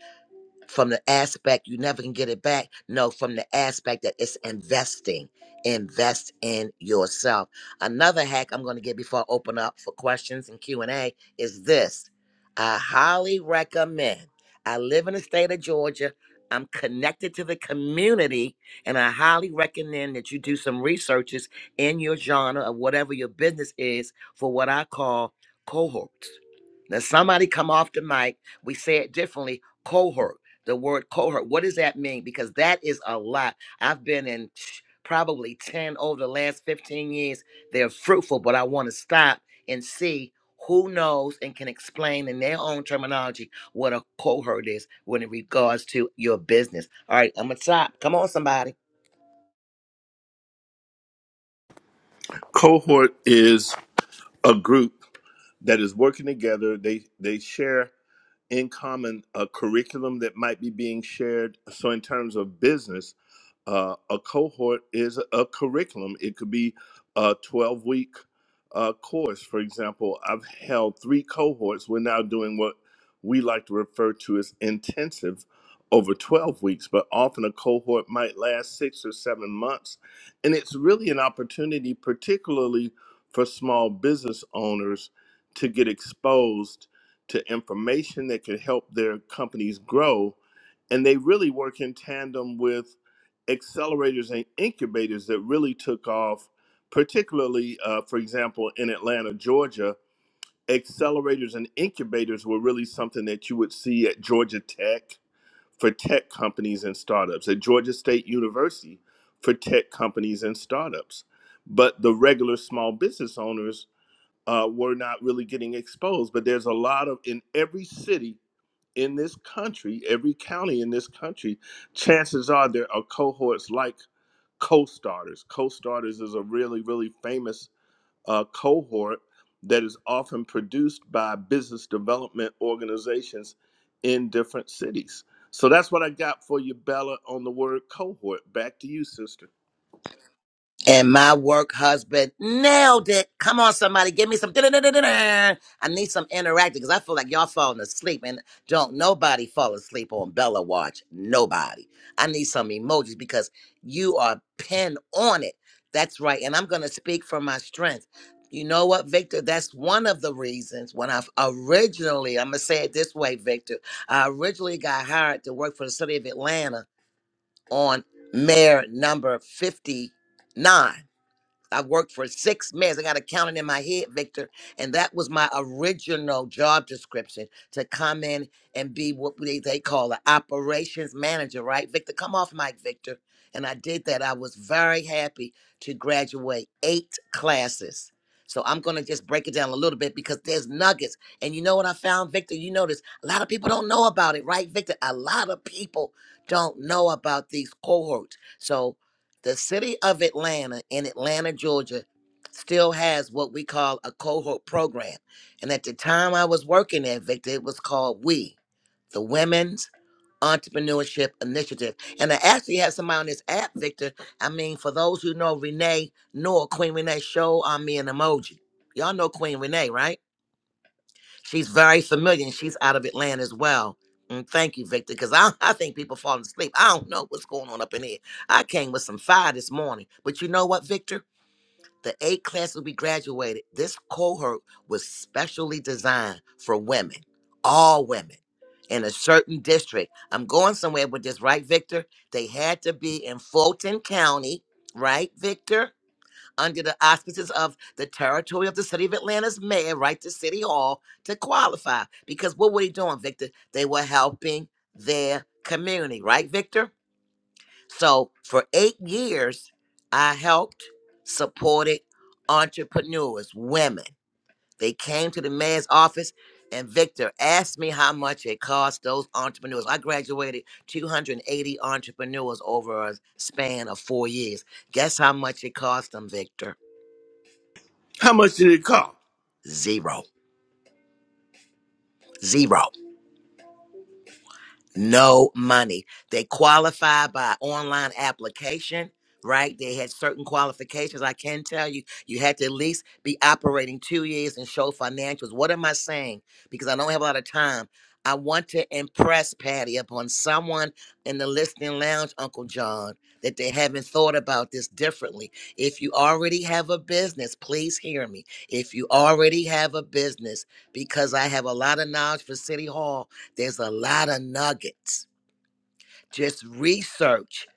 A: from the aspect you never can get it back. No, from the aspect that it's investing. Invest in yourself. Another hack I'm going to give before I open up for questions and Q&A is this. I highly recommend. I live in the state of Georgia. I'm connected to the community and I highly recommend that you do some researches in your genre or whatever your business is for what I call cohorts. Now somebody come off the mic, we say it differently, cohort the word cohort. What does that mean? Because that is a lot. I've been in psh, probably 10 over the last 15 years. They're fruitful, but I want to stop and see who knows and can explain in their own terminology what a cohort is when it regards to your business. All right, I'm going to stop. Come on, somebody.
C: cohort is a group that is working together. They they share in common a curriculum that might be being shared. So in terms of business, uh, a cohort is a curriculum. It could be a 12 week uh, course. For example, I've held three cohorts. We're now doing what we like to refer to as intensive over 12 weeks, but often a cohort might last six or seven months. And it's really an opportunity, particularly for small business owners to get exposed to information that could help their companies grow. And they really work in tandem with accelerators and incubators that really took off, particularly, uh, for example, in Atlanta, Georgia. Accelerators and incubators were really something that you would see at Georgia Tech for tech companies and startups, at Georgia State University for tech companies and startups. But the regular small business owners uh, were not really getting exposed. But there's a lot of in every city in this country, every county in this country, chances are there are cohorts like co-starters. Co-starters is a really, really famous uh, cohort that is often produced by business development organizations in different cities. So that's what I got for you, Bella, on the word cohort. Back to you, sister.
A: And my work husband nailed it. Come on, somebody, give me some. I need some interactive because I feel like y'all falling asleep and don't nobody fall asleep on Bella Watch. Nobody. I need some emojis because you are pinned on it. That's right. And I'm going to speak from my strength. You know what, Victor? That's one of the reasons when I originally, I'm going to say it this way, Victor, I originally got hired to work for the city of Atlanta on mayor number 59 I worked for six months. I got accounting in my head, Victor. And that was my original job description to come in and be what they, they call an operations manager, right? Victor, come off mic, Victor. And I did that. I was very happy to graduate eight classes. So I'm going to just break it down a little bit because there's nuggets. And you know what I found, Victor? You notice a lot of people don't know about it, right, Victor? A lot of people don't know about these cohorts. So the city of Atlanta in Atlanta, Georgia, still has what we call a cohort program. And at the time I was working there, Victor, it was called WE, the Women's Entrepreneurship Initiative. And I actually have somebody on this app, Victor. I mean, for those who know Renee Noor, Queen Renee, show on me an emoji. Y'all know Queen Renee, right? She's very familiar and she's out of Atlanta as well. Mm, thank you, Victor, because I, [laughs] I think people falling asleep. I don't know what's going on up in here. I came with some fire this morning. But you know what, Victor? The A class will be graduated. This cohort was specially designed for women, all women, in a certain district. I'm going somewhere with this, right, Victor? They had to be in Fulton County, right, Victor? under the auspices of the territory of the city of Atlanta's mayor, right to City Hall to qualify. Because what were they doing, Victor? They were helping their community, right, Victor? So for eight years, I helped, supported entrepreneurs, women. They came to the mayor's office, and Victor asked me how much it cost those entrepreneurs. I graduated 280 entrepreneurs over a span of four years. Guess how much it cost them, Victor?
C: How much did it cost?
A: Zero. Zero. no money. They qualify by online application, right? They had certain qualifications. I can tell you, you had to at least be operating two years and show financials. What am I saying? Because I don't have a lot of time. I want to impress Patty upon someone in the listening lounge, Uncle John, that they haven't thought about this differently. If you already have a business, please hear me. If you already have a business, because I have a lot of knowledge for City Hall there's a lot of nuggets. Just research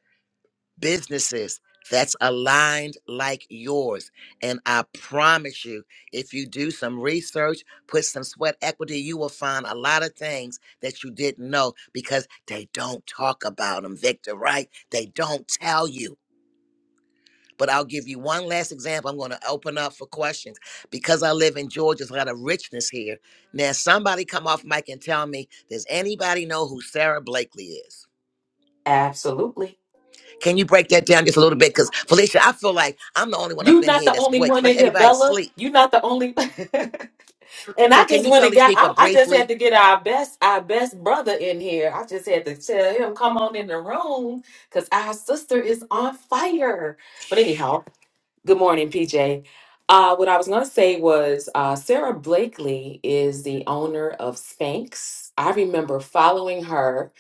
A: businesses that's aligned like yours. And I promise you, if you do some research, put some sweat equity, you will find a lot of things that you didn't know because they don't talk about them, Victor, right? They don't tell you. But I'll give you one last example. I'm going to open up for questions because I live in Georgia. There's a lot of richness here. Now, somebody come off mic and tell me, does anybody know who Sarah Blakely is?
F: Absolutely.
A: Can you break that down just a little bit? Because Felicia, I feel like I'm the only one up
F: You're
A: in
F: not
A: here
F: the
A: that's
F: only
A: awake. It's
F: one in
A: like
F: here,
A: everybody's
F: Bella.
A: asleep.
F: You're not the only. [laughs] and
A: So
F: I
A: can
F: just
A: you
F: went
A: tell
F: and
A: these
F: got. I,
A: people
F: I just had
A: briefly?
F: to get our best, our best brother in here. I just had to tell him come on in the room because our sister is on fire. But anyhow, Good morning, PJ. Uh, what I was going to say was uh, Sarah Blakely is the owner of Spanx. I remember following her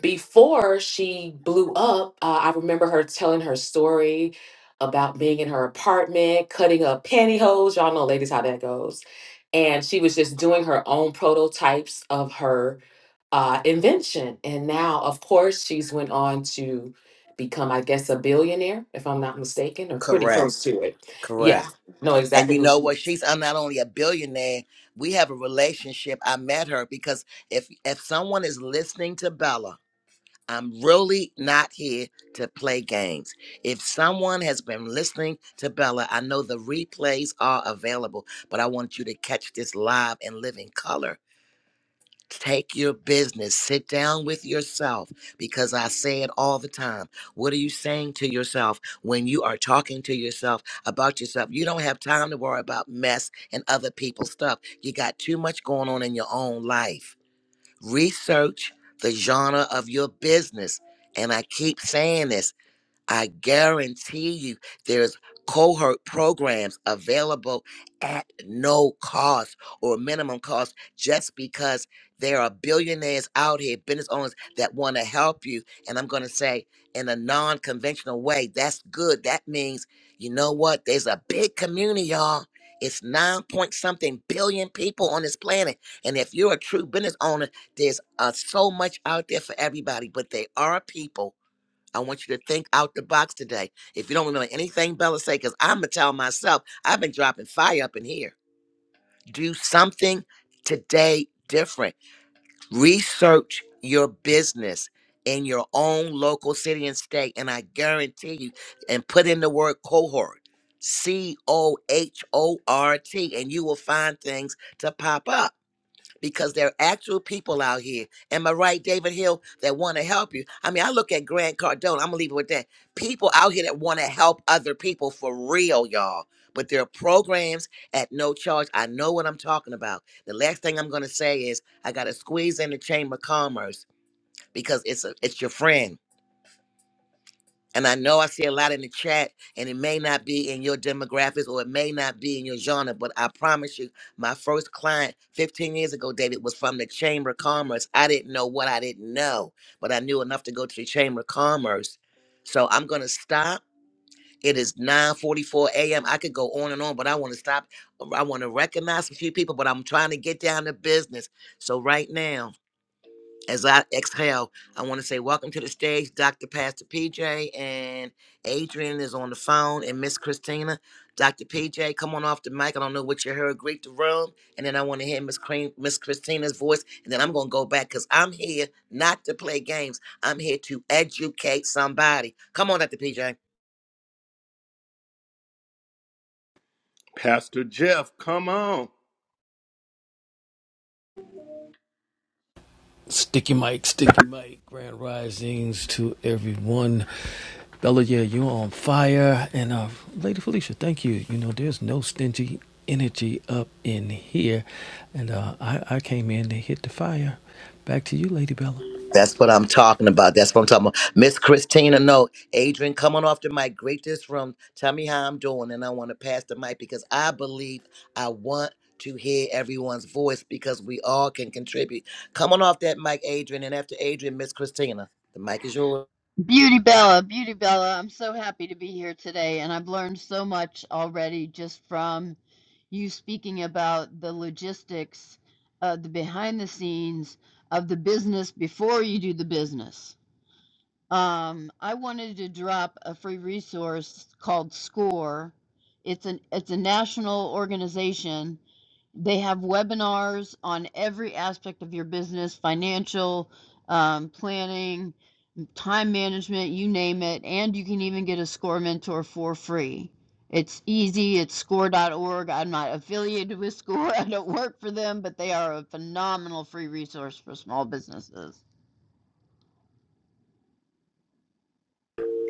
F: before she blew up. Uh, I remember her telling her story about being in her apartment, cutting up pantyhose. Y'all know, ladies, how that goes. And she was just doing her own prototypes of her uh, invention. And now, of course, she's went on to become, I guess, a billionaire, if I'm not mistaken, or pretty
A: Correct.
F: close to it. Yeah,
A: Correct.
F: know
A: And
F: exactly
A: you know
F: who's.
A: what? She's I'm not only a billionaire. We have a relationship. I met her because if if someone is listening to Bella, I'm really not here to play games. If someone has been listening to Bella, I know the replays are available, but I want you to catch this live and live in color Take your business, sit down with yourself because I say it all the time. What are you saying to yourself when you are talking to yourself about yourself? You don't have time to worry about mess and other people's stuff. You got too much going on in your own life. Research the genre of your business. And I keep saying this I guarantee you there's cohort programs available at no cost or minimum cost just because there are billionaires out here, business owners that want to help you. And I'm going to say in a non conventional way, that's good. That means, you know what? There's a big community, y'all. It's nine point something billion people on this planet. And if you're a true business owner, there's uh, so much out there for everybody, but they are people I want you to think out the box today. If you don't remember anything Bella say, because I'm gonna tell myself, I've been dropping fire up in here. Do something today different. Research your business in your own local city and state, and I guarantee you, and put in the word cohort. C O H O R T, and you will find things to pop up because there are actual people out here. Am I right, David Hill, that want to help you? I mean, I look at Grant Cardone, I'm gonna leave it with that. People out here that want to help other people for real, y'all. But there are programs at no charge. I know what I'm talking about. The last thing I'm gonna say is I gotta squeeze in the Chamber of Commerce because it's a, it's your friend and I know I see a lot in the chat, and it may not be in your demographics or it may not be in your genre, but I promise you, my first client 15 years ago, David, was from the Chamber of Commerce. I didn't know what I didn't know, but I knew enough to go to the Chamber of Commerce. So I'm going to stop. It is 9:44 a.m. I could go on and on, but I want to stop. I want to recognize a few people, but I'm trying to get down to business. So right now, as I exhale, I want to say welcome to the stage, Dr. Pastor PJ, and Adrian is on the phone, and Miss Christina. Dr. PJ, come on off the mic. I don't know what you heard. Greet the room, and then I want to hear Miss Cream, Miss Christina's voice, and then I'm gonna go back because I'm here not to play games. I'm here to educate somebody. Come on, Dr. PJ.
C: Pastor Jeff, come on.
M: Sticky Mike, Sticky Mike, Grand Risings to everyone. Bella, yeah, you're on fire. And uh, Lady Felicia, thank you. You know, there's no stingy energy up in here. And uh, I, I came in to hit the fire. Back to you, Lady Bella.
A: That's what I'm talking about. That's what I'm talking about. Miss Christina, no. Adrian, come on off the mic. Great this room. Tell me how I'm doing. And I want to pass the mic because I believe I want to hear everyone's voice because we all can contribute. Come on off that mic, Adrian. And after Adrian, Miss Christina, the mic is yours.
N: Beauty Bella, Beauty Bella, I'm so happy to be here today, and I've learned so much already just from you speaking about the logistics, uh, the behind the scenes of the business before you do the business. Um, I wanted to drop a free resource called SCORE. It's an it's a national organization they have webinars on every aspect of your business financial um, planning time management, you name it, and you can even get a score mentor for free. It's easy, it's score.org. I'm not affiliated with [laughs] score, I don't work for them, but they are a phenomenal free resource for small businesses.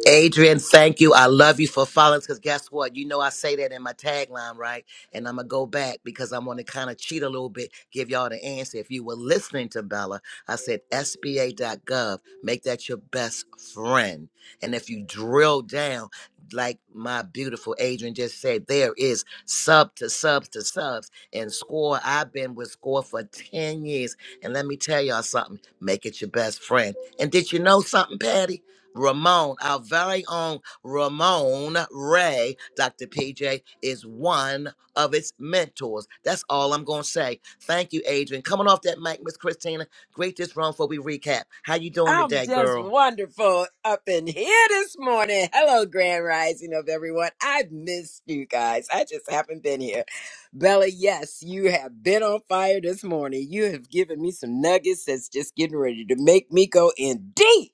A: Adrian, thank you. I love you for following because guess what? You know I say that in my tagline, right? And I'm gonna go back because I want to kind of cheat a little bit, give y'all the answer. If you were listening to Bella, I said SBA.gov, make that your best friend. And if you drill down, like my beautiful Adrian just said, there is sub to subs to subs. And score, I've been with score for 10 years. And let me tell y'all something, make it your best friend. And did you know something, Patty? Ramon, our very own Ramon Ray, Dr. PJ, is one of its mentors. That's all I'm gonna say. Thank you, Adrian. Coming off that mic, Miss Christina. Great this round before we recap. How you doing
O: I'm
A: today,
O: just
A: girl?
O: wonderful up in here this morning. Hello, Grand Rising of everyone. I've missed you guys. I just haven't been here. Bella, yes, you have been on fire this morning. You have given me some nuggets that's just getting ready to make me go in deep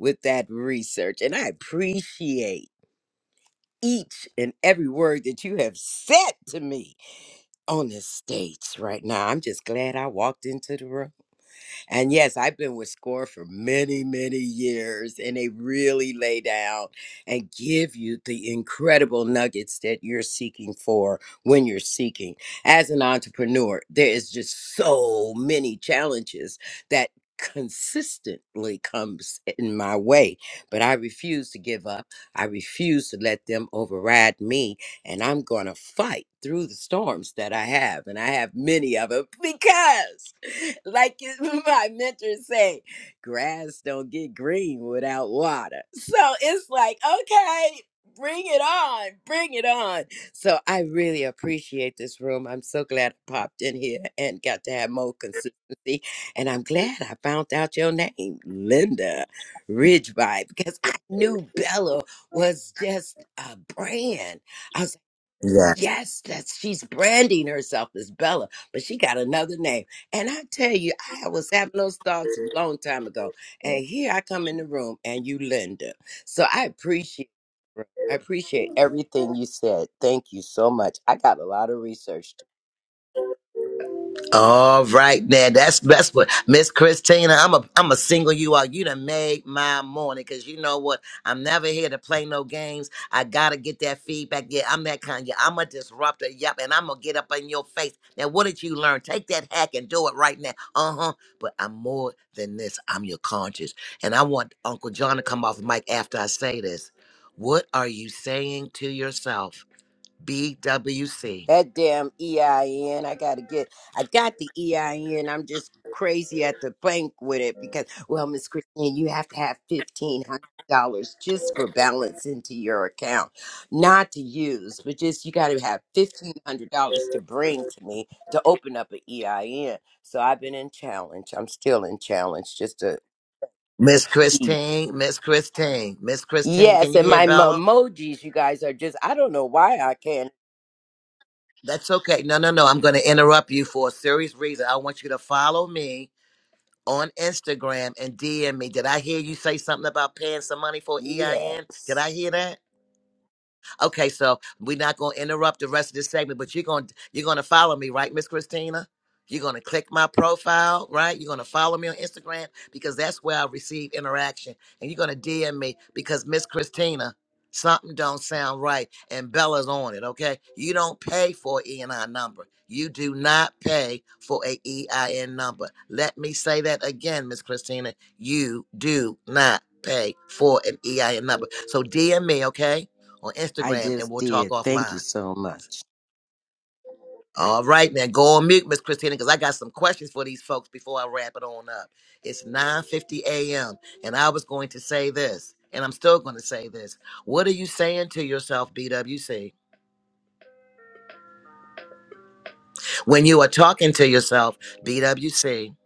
O: with that research. And I appreciate each and every word that you have said to me on this stage right now. I'm just glad I walked into the room. And yes, I've been with SCORE for many, many years, and they really lay down and give you the incredible nuggets that you're seeking for when you're seeking. As an entrepreneur, there is just so many challenges that consistently comes in my way but i refuse to give up i refuse to let them override me and i'm going to fight through the storms that i have and i have many of them because [laughs] like it- [laughs] my mentor say, grass don't get green without water. So it's like, okay, bring it on, bring it on. So I really appreciate this room. I'm so glad I popped in here and got to have more consistency. And I'm glad I found out your name, Linda Ridgeby, because I knew Bella was just a brand. I was. Yes, that's she's branding herself as Bella, but she got another name. And I tell you, I was having those thoughts a long time ago. And here I come in the room and you Linda. So I appreciate I appreciate everything you said. Thank you so much. I got a lot of research
A: All right, now that's that's what Miss Christina. I'm a I'm a single you out. You done made my morning because you know what? I'm never here to play no games. I gotta get that feedback. Yeah, I'm that kind. Yeah, I'm a disruptor. Yep, and I'm gonna get up in your face. Now, what did you learn? Take that hack and do it right now. Uh huh. But I'm more than this. I'm your conscience, and I want Uncle John to come off the mic after I say this. What are you saying to yourself? BWC.
O: That damn EIN. I N. I gotta get I got the EIN. I'm just crazy at the bank with it because well, Miss Christine, you have to have fifteen hundred dollars just for balance into your account. Not to use, but just you gotta have fifteen hundred dollars to bring to me to open up an EIN. So I've been in challenge. I'm still in challenge just to to-
A: Miss
O: see.
A: Christine, Miss Christine, Miss Christine, can
O: Yes,
A: you
O: and
A: hear
O: my
A: Bella?
O: emojis, you guys are just I don't know why I can't
A: That's okay. No, no, no. I'm going to interrupt you for a serious reason. I want you to follow me on Instagram and DM me. Did I hear you say something about paying some money for EIN?
O: yes.
A: Did I hear that? Okay, so we're not gonna interrupt the rest of this segment, but you're gonna you're gonna follow me, right, Miss Christina? You're gonna click my profile, right? You're gonna follow me on Instagram because that's where I receive interaction, and you're gonna DM me because Miss Christina, something don't sound right, and Bella's on it. Okay, you don't pay for an E and I number. You do not pay for a E I N number. Let me say that again, Miss Christina. You do not pay for an EIN number. So DM me, okay? on
O: I
A: Instagram and
O: just
A: we'll talk
O: did. Thank you
A: offline.
O: so much.
A: All right, now go on mute, Miss Christina, because I got some questions for these folks before I wrap it on up. It's 9:50 a.m. and I was going to say this, and I'm still going to say this. What are you saying to yourself, BWC, when you are talking to yourself, BWC,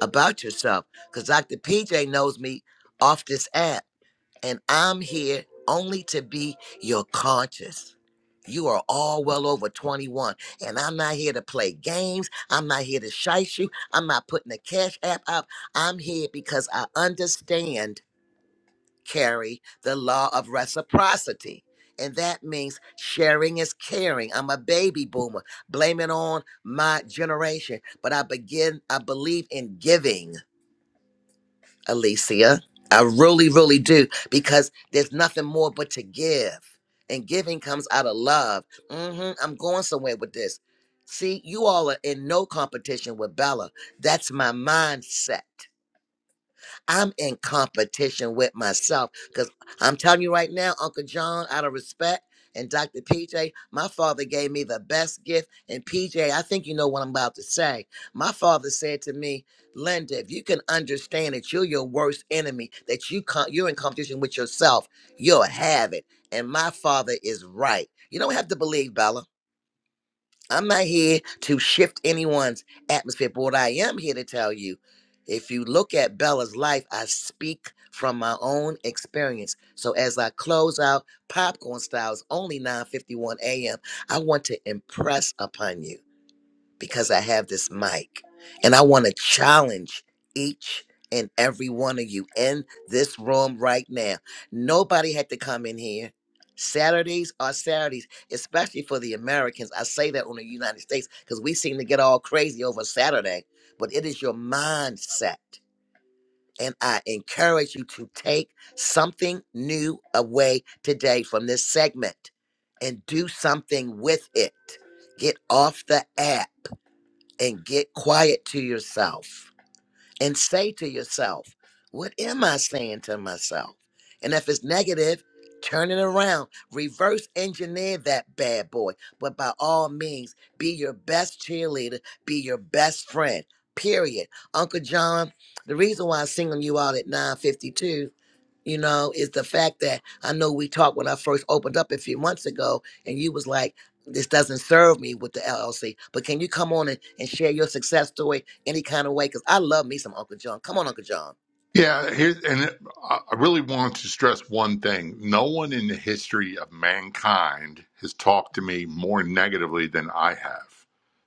A: about yourself? Because Dr. PJ knows me off this app. and I'm here only to be your conscience. You are all well over 21, and I'm not here to play games. I'm not here to shite you. I'm not putting the cash app up. I'm here because I understand, Carrie, the law of reciprocity. And that means sharing is caring. I'm a baby boomer. Blame it on my generation. But I begin, I believe in giving. Alicia. I really, really do because there's nothing more but to give. And giving comes out of love. hmm I'm going somewhere with this. See, you all are in no competition with Bella. That's my mindset. I'm in competition with myself because I'm telling you right now, Uncle John, out of respect. And Dr. PJ, my father gave me the best gift. And PJ, I think you know what I'm about to say. My father said to me, Linda, if you can understand that you're your worst enemy, that you con- you're in competition with yourself, you'll have it. And my father is right. You don't have to believe Bella. I'm not here to shift anyone's atmosphere, but what I am here to tell you if you look at Bella's life, I speak from my own experience. So as I close out Popcorn Styles, only 9:51 a.m., I want to impress upon you because I have this mic. And I want to challenge each and every one of you in this room right now. Nobody had to come in here. Saturdays are Saturdays, especially for the Americans. I say that on the United States because we seem to get all crazy over Saturday, but it is your mindset. And I encourage you to take something new away today from this segment and do something with it. Get off the app and get quiet to yourself and say to yourself, What am I saying to myself? And if it's negative, turn it around, reverse engineer that bad boy. But by all means, be your best cheerleader, be your best friend. Period. Uncle John, the reason why I'm singling you out at 9:52 you know, is the fact that I know we talked when I first opened up a few months ago, and you was like, this doesn't serve me with the LLC, but can you come on and, and share your success story any kind of way? Because I love me some Uncle John. Come on, Uncle John.
E: Yeah, here, and it- I I really want to stress one thing. No one in the history of mankind has talked to me more negatively than I have.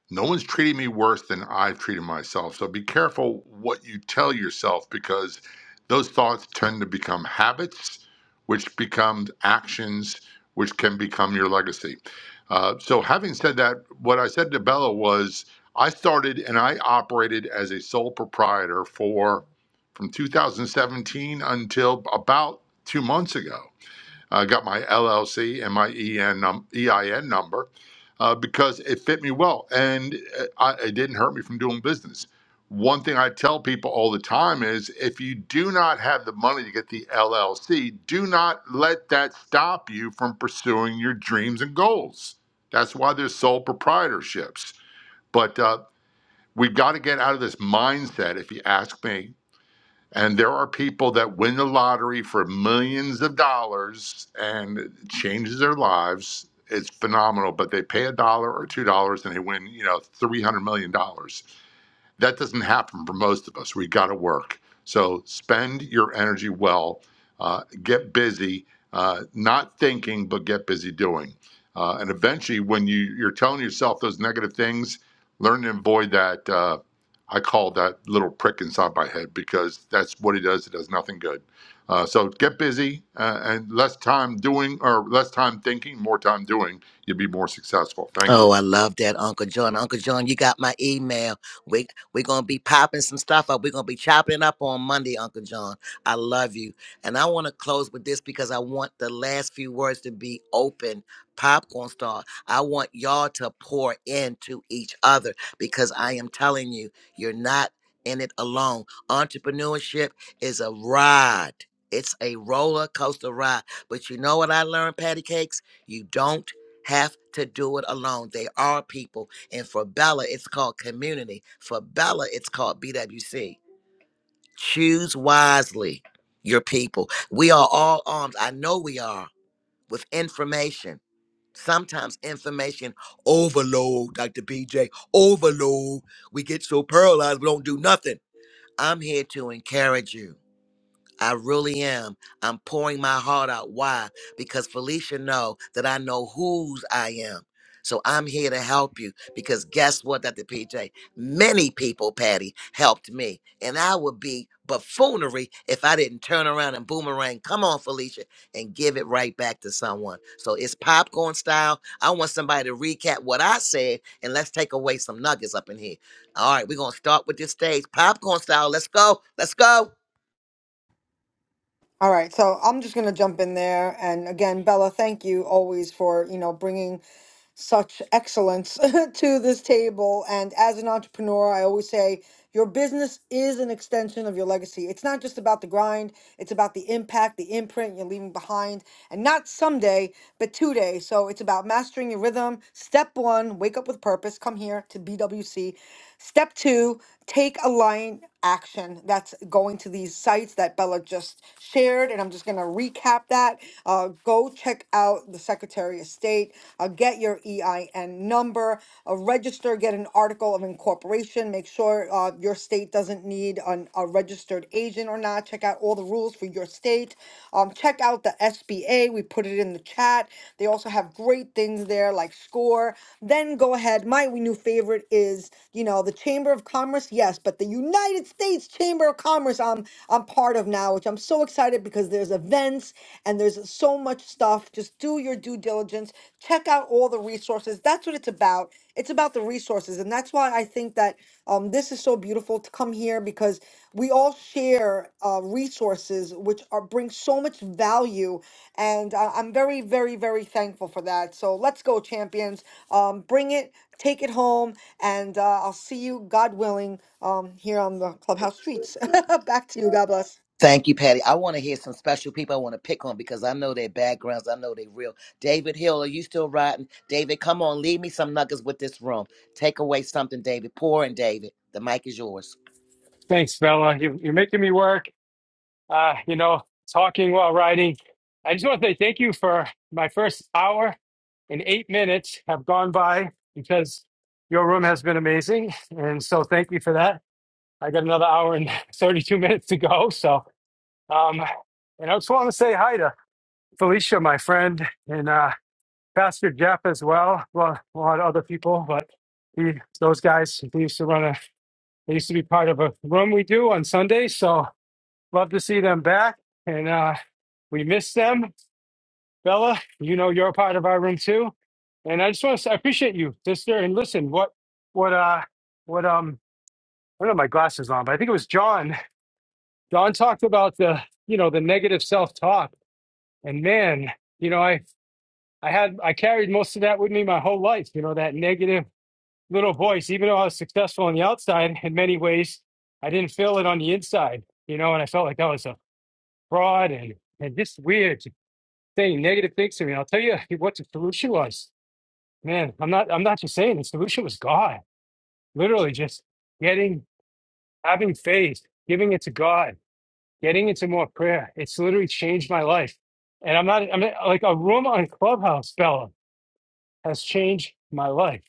E: No one's treated me worse than I've treated myself. So be careful what you tell yourself because those thoughts tend to become habits, which become actions, which can become your legacy. Uh, so, having said that, what I said to Bella was I started and I operated as a sole proprietor for from 2017 until about two months ago. I got my LLC and my EIN number uh, because it fit me well and uh, I, it didn't hurt me from doing business. One thing I tell people all the time is if you do not have the money to get the LLC, do not let that stop you from pursuing your dreams and goals. That's why there's sole proprietorships. But uh, we've got to get out of this mindset, if you ask me, and there are people that win the lottery for millions of dollars and it changes their lives. It's phenomenal, but they pay a dollar or two dollars and they win, you know, three hundred million dollars that doesn't happen for most of us. We got to work. So spend your energy well, uh, get busy, uh, not thinking, but get busy doing. Uh, and eventually, when you, you're telling yourself those negative things, learn to avoid that. Uh, I call that little prick inside my head because that's what he does. It does nothing good. Uh, so get busy uh, and less time doing or less time thinking, more time doing. You'll be more successful. Thank you.
A: Oh, I love that, Uncle John. Uncle John, you got my email. We we're gonna be popping some stuff up. We're gonna be chopping it up on Monday, Uncle John. I love you. And I want to close with this because I want the last few words to be open popcorn star. I want y'all to pour into each other because I am telling you, you're not in it alone. Entrepreneurship is a ride. It's a roller coaster ride. But you know what I learned, Patty Cakes? You don't have to do it alone. They are people. And for Bella, it's called community. For Bella, it's called BWC. Choose wisely your people. We are all armed. I know we are with information. Sometimes information overload, Dr. BJ, overload. We get so paralyzed, we don't do nothing. I'm here to encourage you. I really am. I'm pouring my heart out. Why? Because Felicia know that I know whose I am. So I'm here to help you because guess what, Dr. PJ? Many people, Patty, helped me. And I would be buffoonery if I didn't turn around and boomerang. Come on, Felicia, and give it right back to someone. So it's popcorn style. I want somebody to recap what I said and let's take away some nuggets up in here. All right, we're gonna start with this stage. Popcorn style. Let's go. Let's go.
D: All right, so I'm just gonna jump in there, and again, Bella, thank you always for you know bringing such excellence [laughs] to this table. And as an entrepreneur, I always say your business is an extension of your legacy. It's not just about the grind, it's about the impact, the imprint you're leaving behind, and not someday, but today. So it's about mastering your rhythm. Step one, wake up with purpose. Come here to BWC. Step two, take aligned action. That's going to these sites that Bella just shared. And I'm just going to recap that. Uh, go check out out the Secretary of State, uh, get your EIN number, uh, register, get an article of incorporation, make sure uh, your state doesn't need an, a registered agent or not. Check out all the rules for your state. Um, check out the SBA. We put it in the chat. They also have great things there like SCORE. Then go ahead. My new favorite is, you know, the Chamber of Commerce, yes, but the United States Chamber of Commerce I'm I'm part of now, which I'm so excited because there's events events and there's so much stuff. Just do your due diligence. Check out all the resources. That's what it's about. It's about the resources, and that's why I think that um, this is so beautiful to come here because we all share uh, resources which are bring so much value, and I, I'm very, very, very thankful for that. So let's go, champions! Um, bring it, take it home, and uh, I'll see you, God willing, um, here on the clubhouse streets. [laughs] Back to you. God bless.
A: Thank you, Patty. I want to hear some special people I want to pick on because I know their backgrounds. I know they real. David Hill, are you still riding? David, come on, leave me some nuggets with this room. Take away something, David. Pour in, David. The mic is yours.
G: Thanks, Bella. You, you're making me work. uh, you know, talking while riding. I just want to say thank you for my first hour and eight minutes have gone by because your room has been amazing. And so thank you for that. I got another hour and [laughs] 32 minutes to go. So, um, and I just want to say hi to Felicia, my friend, and uh, Pastor Jeff as well. Well, a lot of other people, but he, those guys, they used to run a, they used to be part of a room we do on Sundays. So, Love to see them back. And uh, we miss them. Bella, you know you're a part of our room too. And I just want to say, I appreciate you, sister. And listen, what, what, uh, what, um, I don't have my glasses on, but I think it was John. John talked about the, you know, the negative self-talk. And man, you know, I, I had, I carried most of that with me my whole life. You know, that negative little voice. Even though I was successful on the outside in many ways, I didn't feel it on the inside. You know, and I felt like that was a fraud and and just weird. saying negative things to me. And I'll tell you [laughs] what the solution was. Man, I'm not I'm not just saying the solution was God. Literally just getting having faith, giving it to God, getting into more prayer. It's literally changed my life. And I'm not I'm not, like a room on Clubhouse, Bella, has changed my life.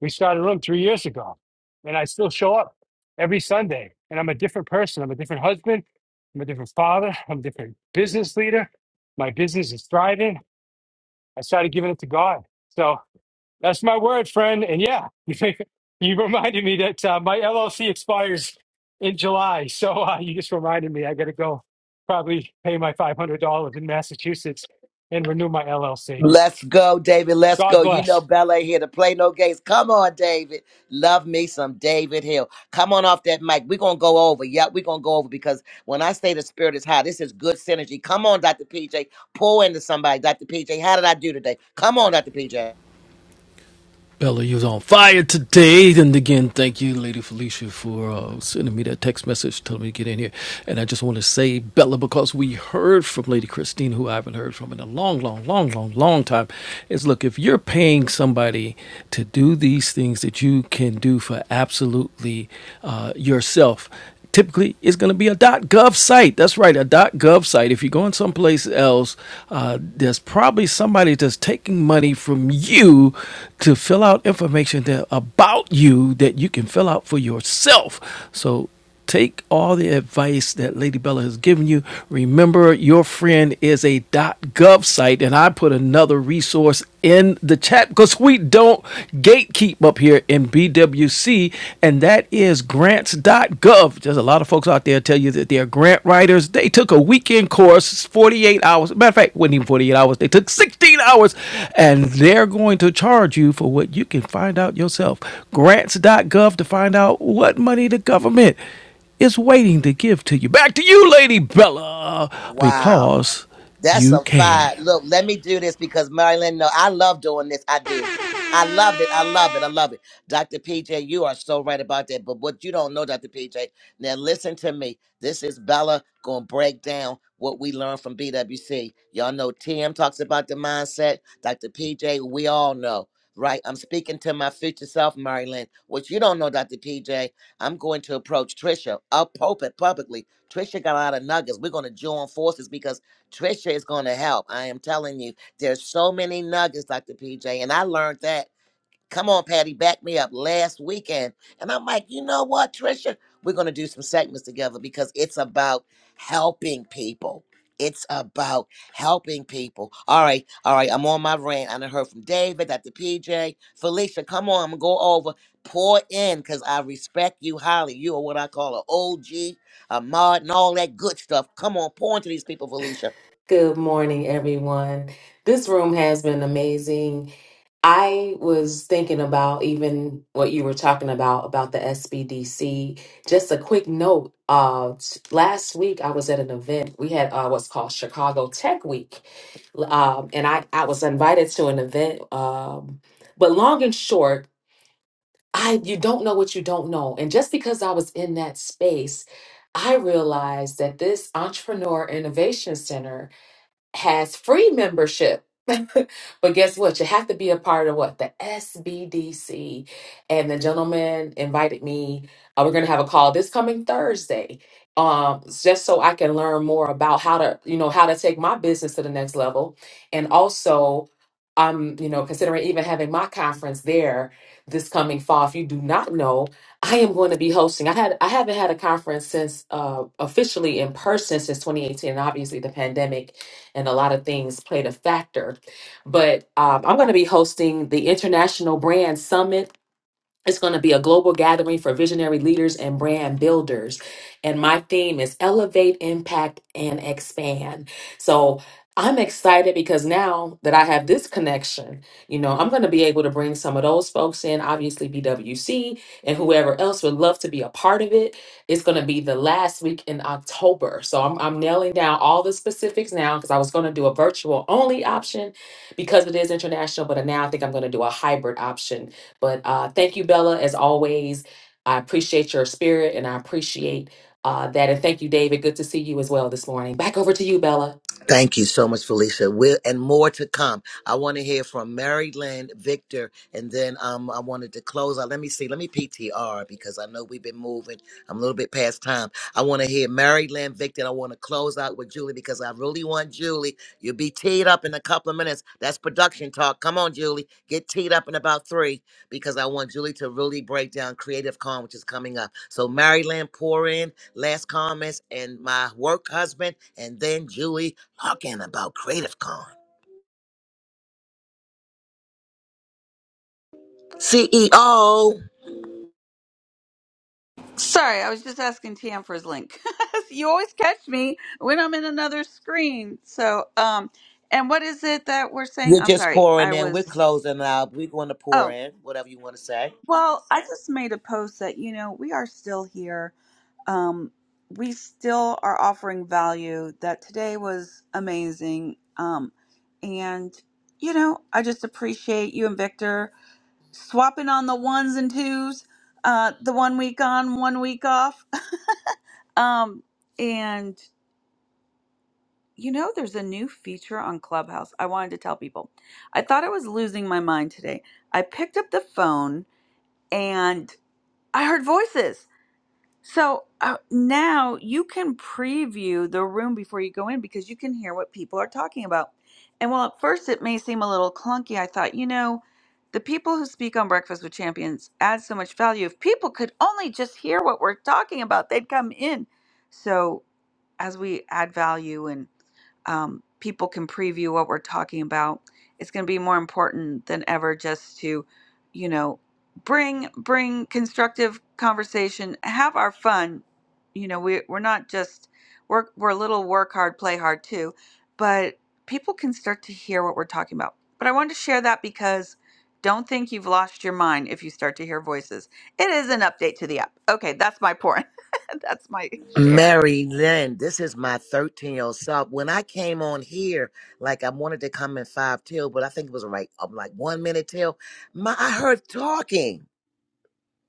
G: We started a room three years ago and I still show up every Sunday and I'm a different person. I'm a different husband. I'm a different father. I'm a different business leader. My business is thriving. I started giving it to God. So That's my word, friend. And yeah, [laughs] you reminded me that uh, my LLC expires in July. So uh, you just reminded me I got to go probably pay my $500 in Massachusetts and renew my LLC.
A: Let's go, David. Let's
G: God
A: go. You know
G: bless.
A: Bella here to play no games. Come on, David. Love me some David Hill. Come on off that mic. We're gonna go over. Yep, we're gonna go over because when I say the spirit is high, this is good synergy. Come on, Dr. PJ. Pull into somebody. Dr. PJ, how did I do today? Come on, Dr. PJ.
M: Bella, you was on fire today. And again, thank you, Lady Felicia, for uh, sending me that text message telling me to get in here. And I just want to say, Bella, because we heard from Lady Christine, who I haven't heard from in a long, long, long, long, long time, is look, if you're paying somebody to do these things that you can do for absolutely uh, yourself, typically it's going to be a .gov site. That's right, a .gov site. If you're going someplace else, uh, there's probably somebody that's taking money from you to fill out information that about you that you can fill out for yourself. So take all the advice that Lady Bella has given you. Remember, your friend is a .gov site, and I put another resource in the chat because we don't gatekeep up here in BWC, and that is grants.gov. There's a lot of folks out there tell you that they're grant writers. They took a weekend course, 48 hours. Matter of fact, it wasn't even 48 hours, they took 16 hours, and they're going to charge you for what you can find out yourself. Grants.gov to find out what money the government is waiting to give to you. Back to you, Lady Bella,
A: Wow.
M: because
A: That's a
M: you can.
A: vibe. Look, let me do this because Marilyn, no, I love doing this. I do. I love it. I love it. I love it. Dr. PJ, you are so right about that. But what you don't know, Dr. PJ, now listen to me. This is Bella going to break down what we learned from BWC. Y'all know TM talks about the mindset. Dr. PJ, we all know, right? I'm speaking to my future self, Marilyn. What you don't know, Dr. PJ, I'm going to approach Trisha up publicly. Trisha got a lot of nuggets. We're going to join forces because Trisha is going to help. I am telling you, there's so many nuggets, Dr. PJ, and I learned that. Come on, Patty, back me up last weekend. And I'm like, you know what, Trisha? We're going to do some segments together because it's about helping people. It's about helping people. All right, all right. I'm on my rant. I done heard from David, Dr. PJ, Felicia. Come on, I'm gonna go over. Pour in, cause I respect you highly. You are what I call an OG, a mod, and all that good stuff. Come on, pour into these people, Felicia.
F: Good morning, everyone. This room has been amazing. I was thinking about even what you were talking about about the SBDC. Just a quick note. Uh, t- last week I was at an event. We had uh, what's called Chicago Tech Week, um, and I, I was invited to an event. Um, but long and short, I you don't know what you don't know. And just because I was in that space, I realized that this Entrepreneur Innovation Center has free membership. [laughs] but guess what? You have to be a part of what? The SBDC. And the gentleman invited me. Uh, we're going to have a call this coming Thursday. Um, just so I can learn more about how to, you know, how to take my business to the next level. And also, I'm, you know, considering even having my conference there this coming fall. If you do not know, I am going to be hosting. I had I haven't had a conference since uh officially in person since 2018 and obviously the pandemic and a lot of things played a factor. But um, I'm going to be hosting the International Brand Summit it's going to be a global gathering for visionary leaders and brand builders. And my theme is elevate, impact, and expand. So I'm excited because now that I have this connection, you know, I'm going to be able to bring some of those folks in, obviously BWC and whoever else would love to be a part of it. It's going to be the last week in October. So I'm, I'm nailing down all the specifics now because I was going to do a virtual only option because it is international, but now I think I'm going to do a hybrid option but uh, thank you, Bella, as always. I appreciate your spirit and I appreciate uh, that. And thank you, David. Good to see you as well this morning. Back over to you, Bella.
A: Thank you so much, Felicia. We're, and more to come. I want to hear from Mary Lynn, Victor, and then um, I wanted to close out. Let me see. Let me PTR because I know we've been moving. I'm a little bit past time. I want to hear Mary Lynn, Victor. And I want to close out with Julie because I really want Julie. You'll be teed up in a couple of minutes. That's production talk. Come on, Julie. Get teed up in about three because I want Julie to really break down Creative Con, which is coming up. So, Mary Lynn, pour in last comments and my work husband, and then Julie talking about Creative Con. CEO,
B: Sorry, I was just asking TM for his link. [laughs] you always catch me when I'm in another screen. So, um, and what is it that we're saying?
A: we're
B: I'm
A: just
B: sorry,
A: pouring
B: I
A: in. We're
B: was.
A: closing out. We're going to pour
B: Oh,
A: in, whatever you want to say.
B: well, I just made a post that you know we are still here. Um, we still are offering value. That today was amazing. Um, and you know, I just appreciate you and Victor swapping on the ones and twos. Uh, the one week on, one week off. [laughs] um, and You know, there's a new feature on Clubhouse. I wanted to tell people. I thought I was losing my mind today. I picked up the phone and I heard voices. So uh, now you can preview the room before you go in because you can hear what people are talking about. And while at first it may seem a little clunky, I thought, you know, the people who speak on Breakfast with Champions add so much value. If people could only just hear what we're talking about, they'd come in. So as we add value and um, people can preview what we're talking about it's going to be more important than ever just to you know bring bring constructive conversation have our fun you know we, we're not just work we're a little work hard play hard too but people can start to hear what we're talking about but i wanted to share that because don't think you've lost your mind if you start to hear voices it is an update to the app okay that's my point [laughs] that's my share
A: Mary Lynn, this is my 13 year old self. When I came on here, like I wanted to come in five till, but I think it was right, I'm like one minute till. My, I heard talking.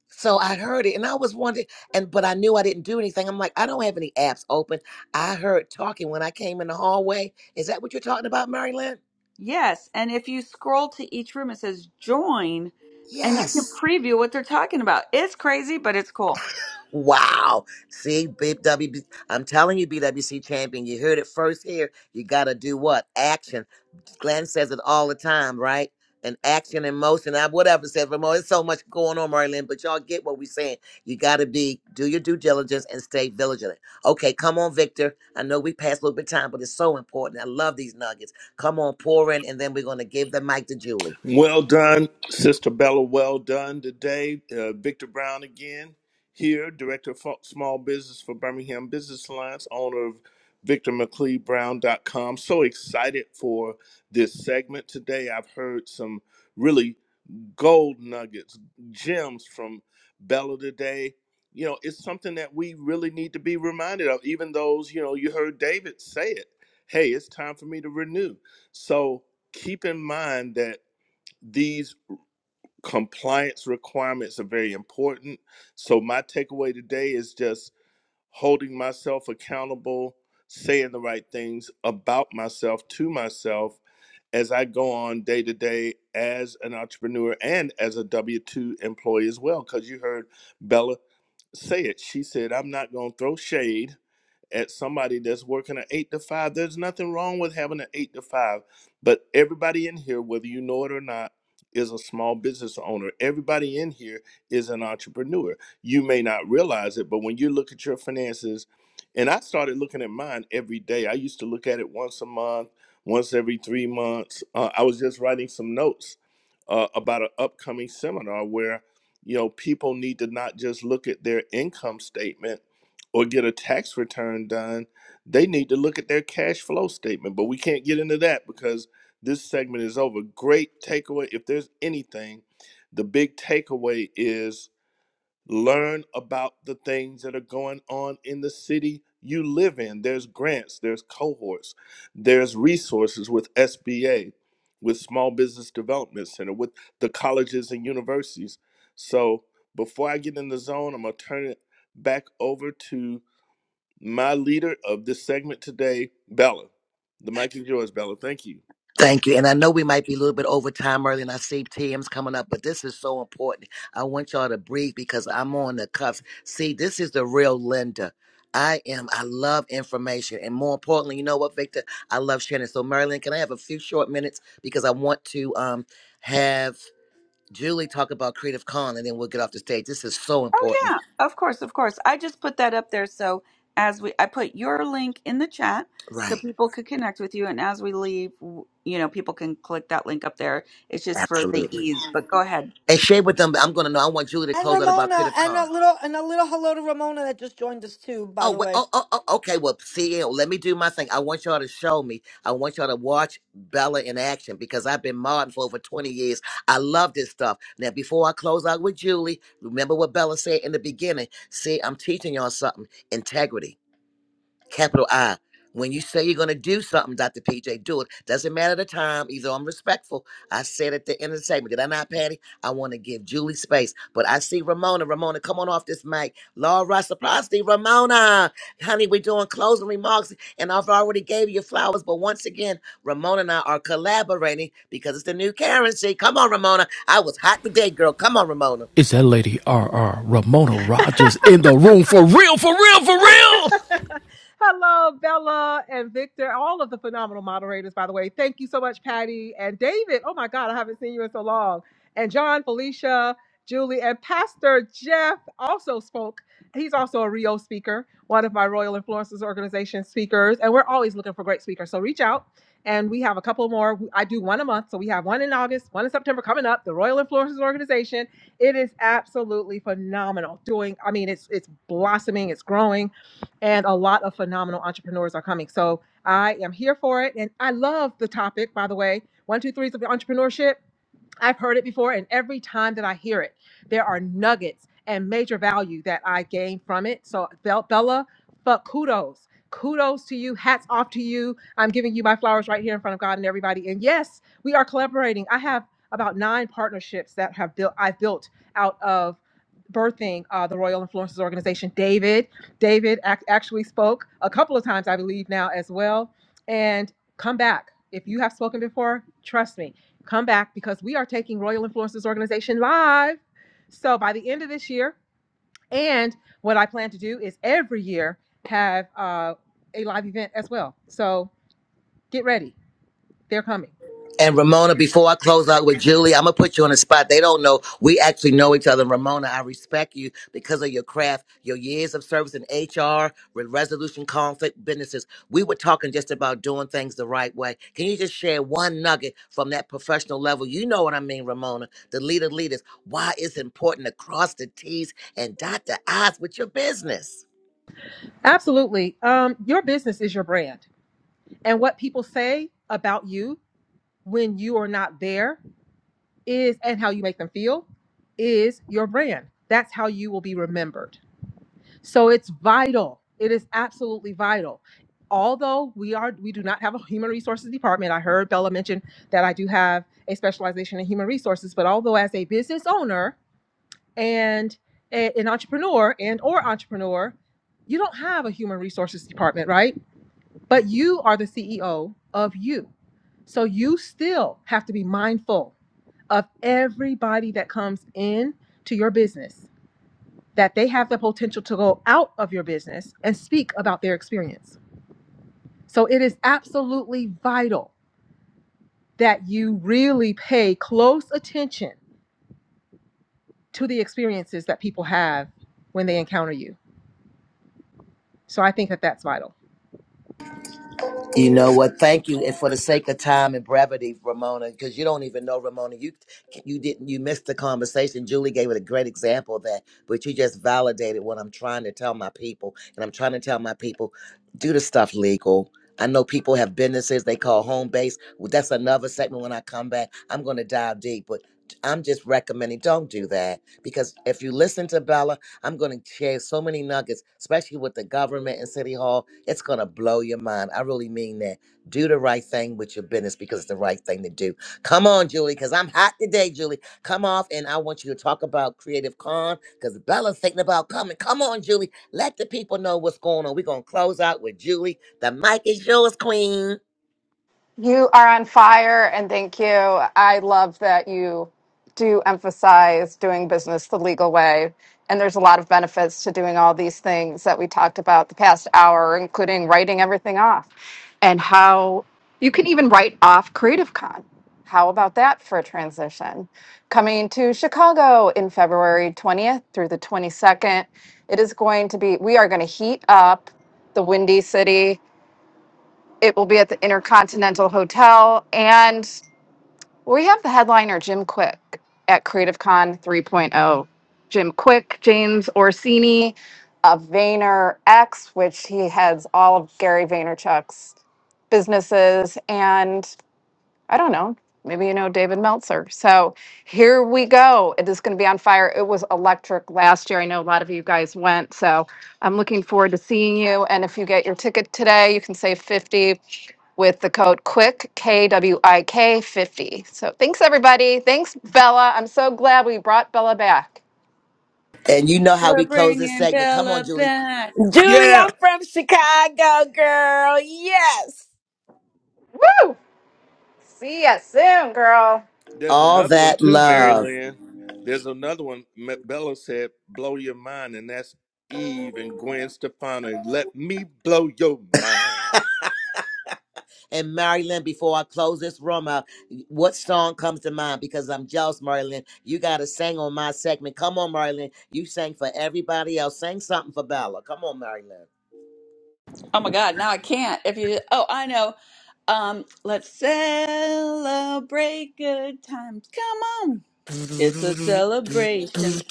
A: So I heard it and I was wondering and but I knew I didn't do anything. I'm like, I don't have any apps open. I heard talking when I came in the hallway. Is that what you're talking about, Mary Lynn?
B: Yes, and if you scroll to each room, it says join, and you can
A: Yes.
B: preview what they're talking about. It's crazy, but it's cool.
A: Wow. See, big WB I'm telling you, BWC champion, you heard it first here. You gotta do what? Action. Glenn says it all the time, right? And action and motion, I whatever says Ramon. It's so much going on, Marlene, but y'all get what we're saying. You gotta be do your due diligence and stay vigilant. Okay, come on, Victor. I know we passed a little bit of time, but it's so important. I love these nuggets. Come on, pour in, and then we're gonna give the mic to Julie.
C: Well done, Sister Bella. Well done today. Uh, Victor Brown again here, Director of Fo- Small Business for Birmingham Business Alliance, owner of VictorMcLeodBrown.com. So excited for this segment today. I've heard some really gold nuggets, gems from Bella today. You know, it's something that we really need to be reminded of, even those, you know, you heard David say it. Hey, it's time for me to renew. So keep in mind that these compliance requirements are very important. So my takeaway today is just holding myself accountable, saying the right things about myself to myself as I go on day to day as an entrepreneur and as a W 2 employee as well. Because you heard Bella say it. She said, I'm not going to throw shade at somebody that's working an eight to five. There's nothing wrong with having an eight to five, but everybody in here, whether you know it or not, is a small business owner. Everybody in here is an entrepreneur. You may not realize it, but when you look at your finances, and I started looking at mine every day. I used to look at it once a month, once every three months. Uh, I was just writing some notes uh, about an upcoming seminar where you know people need to not just look at their income statement or get a tax return done, they need to look at their cash flow statement. But we can't get into that because this segment is over. Great takeaway. If there's anything, the big takeaway is learn about the things that are going on in the city you live in. There's grants, there's cohorts, there's resources with SBA, with Small Business Development Center, with the colleges and universities. So before I get in the zone, I'm going to turn it back over to my leader of this segment today, Bella. The mic is yours, Bella. Thank you.
A: Thank you. And I know we might be a little bit over time early, and I see TM's coming up, but this is so important. I want y'all to breathe because I'm on the cuffs. See, this is the real Linda. I am. I love information. And more importantly, you know what, Victor? I love sharing. it. So, Marilyn, can I have a few short minutes? Because I want to um, have Julie talk about Creative Con, and then we'll get off the stage. This is so
B: Oh
A: important.
B: yeah, of course, of course. I just put that up there so as we, I put your link in the chat so
A: Right.
B: people could connect with you, and as we leave, w- you know, people can click that link up there. It's just for the
A: Absolutely.
B: ease. But go ahead.
A: And share with them. I'm going to know. I want Julie to
D: And
A: close out about
D: Ramona,
A: Creative
D: and a
A: Con.
D: little and a little hello to Ramona that just joined us too, by
A: Oh,
D: the
A: well,
D: way.
A: oh, oh, oh, okay. Well, see, let me do my thing. I want y'all to show me. I want y'all to watch Bella in action because I've been modding for over 20 years. I love this stuff. Now, before I close out with Julie, remember what Bella said in the beginning. See, I'm teaching y'all something integrity capital I. When you say you're going to do something, Dr. PJ, do it. Doesn't matter the time. Either I'm respectful. I said at the end of the segment, did I not, Patty? I want to give Julie space. But I see Ramona. Ramona, come on off this mic. Laura Saplasti, Ramona. Honey, we're doing closing remarks, and I've already gave you flowers. But once again, Ramona and I are collaborating because it's the new currency. Come on, Ramona. I was hot today, girl. Come on, Ramona.
M: Is that lady R. R. Ramona Rogers in the room for real, for real, for real?
P: [laughs] Hello, Bella and Victor, all of the phenomenal moderators, by the way. Thank you so much, Patty and David. Oh my God, I haven't seen you in so long. And John, Felicia, Julie, and Pastor Jeff also spoke. He's also a Rio speaker, one of my Royal Influences Organization speakers. And we're always looking for great speakers. So reach out. And we have a couple more. I do one a month. So we have one in August, one in September coming up, the Royal Influences Organization. It is absolutely phenomenal. Doing, I mean, it's it's blossoming, it's growing and a lot of phenomenal entrepreneurs are coming. So I am here for it. And I love the topic, by the way. One, two, three is entrepreneurship. I've heard it before, and every time that I hear it, there are nuggets and major value that I gain from it. So, Bel- Bella, but kudos. Kudos to you. Hats off to you. I'm giving you my flowers right here in front of God and everybody. And yes, we are collaborating. I have about nine partnerships that have built I built out of birthing uh, the Royal Influences Organization. David, David ac- actually spoke a couple of times, I believe now as well. And come back if you have spoken before. Trust me, come back because we are taking Royal Influencers Organization live. So by the end of this year, and what I plan to do is every year have uh, a live event as well. So get ready, they're coming.
A: And Ramona, before I close out with Julie, I'm gonna put you on the spot. They don't know. We actually know each other. And Ramona, I respect you because of your craft, your years of service in HR, with resolution conflict businesses. We were talking just about doing things the right way. Can you just share one nugget from that professional level? You know what I mean, Ramona, the leader leaders. Why it's important to cross the T's and dot the I's with your business.
P: Absolutely. Um, your business is your brand, and what people say about you when you are not there is, and how you make them feel, is your brand. That's how you will be remembered. So it's vital. It is absolutely vital. Although we are we do not have a human resources department. I heard Bella mention that I do have a specialization in human resources, but although as a business owner and a- an entrepreneur and or entrepreneur, you don't have a human resources department, right? But you are the CEO of you. So you still have to be mindful of everybody that comes in to your business that they have the potential to go out of your business and speak about their experience. So it is absolutely vital that you really pay close attention to the experiences that people have when they encounter you. So I think that that's vital.
A: You know what? Thank you, and for the sake of time and brevity, Ramona, because you don't even know Ramona. You you didn't you missed the conversation. Julie gave it a great example of that, but you just validated what I'm trying to tell my people, and I'm trying to tell my people, do the stuff legal. I know people have businesses they call home base. Well, that's another segment. When I come back, I'm going to dive deep, but I'm just recommending don't do that because if you listen to Bella. I'm going to share so many nuggets, especially with the government and City Hall. It's going to blow your mind. I really mean that. Do the right thing with your business because it's the right thing to do. Come on, Julie, because I'm hot today, Julie. Come off, and I want you to talk about Creative Con because Bella's thinking about coming. Come on, Julie. Let the people know what's going on. We're going to close out with Julie. The mic is yours, Queen.
K: You are on fire, and thank you. I love that you do emphasize doing business the legal way. And there's a lot of benefits to doing all these things that we talked about the past hour, including writing everything off and how you can even write off Creative Con. How about that for a transition? Coming to Chicago in February 20th through the 22nd. It is going to be, we are going to heat up the Windy City it will be at the Intercontinental Hotel. And we have the headliner, Jim Quick, at Creative Con 3.0. Jim Quick, James Orsini of Vayner X, which he heads all of Gary Vaynerchuk's businesses. and. I don't know. Maybe you know David Meltzer. So here we go. It is going to be on fire. It was electric last year. I know a lot of you guys went. So I'm looking forward to seeing you. And if you get your ticket today, you can save 50 with the code QUICK, K W I K 50. So thanks, everybody. Thanks, Bella. I'm so glad we brought Bella back.
A: And you know how
B: We're
A: we close this
B: bringing
A: segment. Come on,
B: Bella
A: Julie.
B: back.
O: Julie, I'm
C: Yeah.
O: from Chicago, girl. Yes.
K: Woo! See ya soon, girl.
C: There's
A: All
C: another one
A: that
C: too, Mary
A: love.
C: Lynn. There's another one. M- Bella said, blow your mind, and that's Eve and Gwen Stefani. Let me blow your mind.
A: And Marilyn, before I close this room out, what song comes to mind? Because I'm jealous, Marilyn. You got to sing on my segment. Come on, Marilyn. You sang for everybody else. Sing something for Bella. Come on, Marilyn.
B: Oh my God, now I can't. If you, oh, I know. Um, let's celebrate good times. Come on. It's a celebration.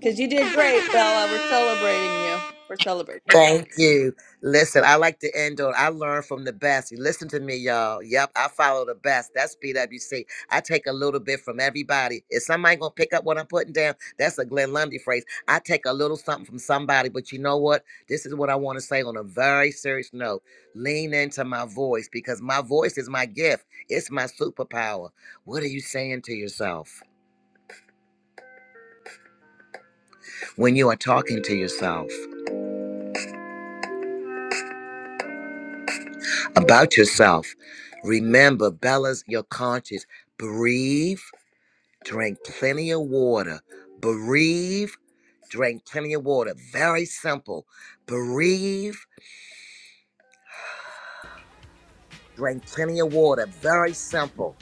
B: Because you did great, Bella. We're celebrating you. We're celebrating you.
A: Thank you. Listen, I like to end on I learn from the best. You listen to me, y'all. Yep, I follow the best. That's BWC. I take a little bit from everybody. If somebody gonna pick up what I'm putting down, that's a Glenn Lundy phrase. I take a little something from somebody, but you know what? This is what I want to say on a very serious note. Lean into my voice because my voice is my gift. It's my superpower. What are you saying to yourself when you are talking to yourself? about yourself. Remember, Bella's your conscience. Breathe, drink plenty of water. Breathe, drink plenty of water. Very simple. Breathe, drink plenty of water. Very simple.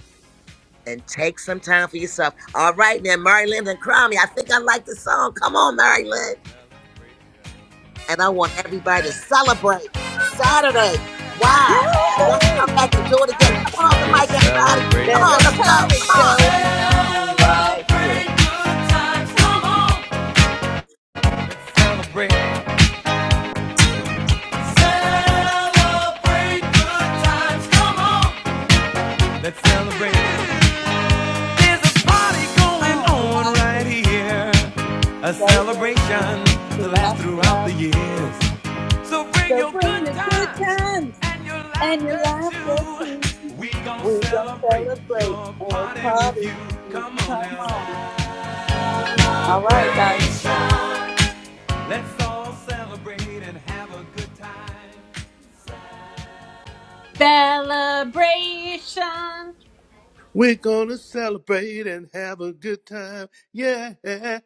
A: And take some time for yourself. All right, now, Mary Lynn and Cromie, I think I like the song. Come on, Mary Lynn. And I want everybody to celebrate Saturday. Why? And let's
B: Yahoo!
A: come back and do it again. Come
M: This
A: on
M: is
A: off the mic,
M: your
A: everybody. Come
B: There's
A: on,
B: a
A: let's go.
M: celebration.
B: party
A: Come on.
B: going on right here.
M: Celebrate good times, come on. Celebrate. Celebrate good times, come on. Let's celebrate. There's a party going
B: On
M: on
B: right here.
M: right here, a
B: A celebration
M: celebration to
B: to
M: last
B: last
M: throughout
B: throughout
M: the
B: the year.
M: years. So bring
B: So
M: your
B: bring
M: good
B: your good
M: times
B: times
M: and your
B: and your
M: laughter too.
B: laughter too.
M: We gon'
B: We're going to
M: celebrate
B: celebrate
M: your
B: and we'll
M: party with
B: party
M: you.
B: with you.
M: Come on
B: Come
M: now,
B: on. All right, guys.
M: let's all celebrate and have a good time.
H: [laughs] Celebration.
C: We're gonna celebrate and have a good time. Yeah.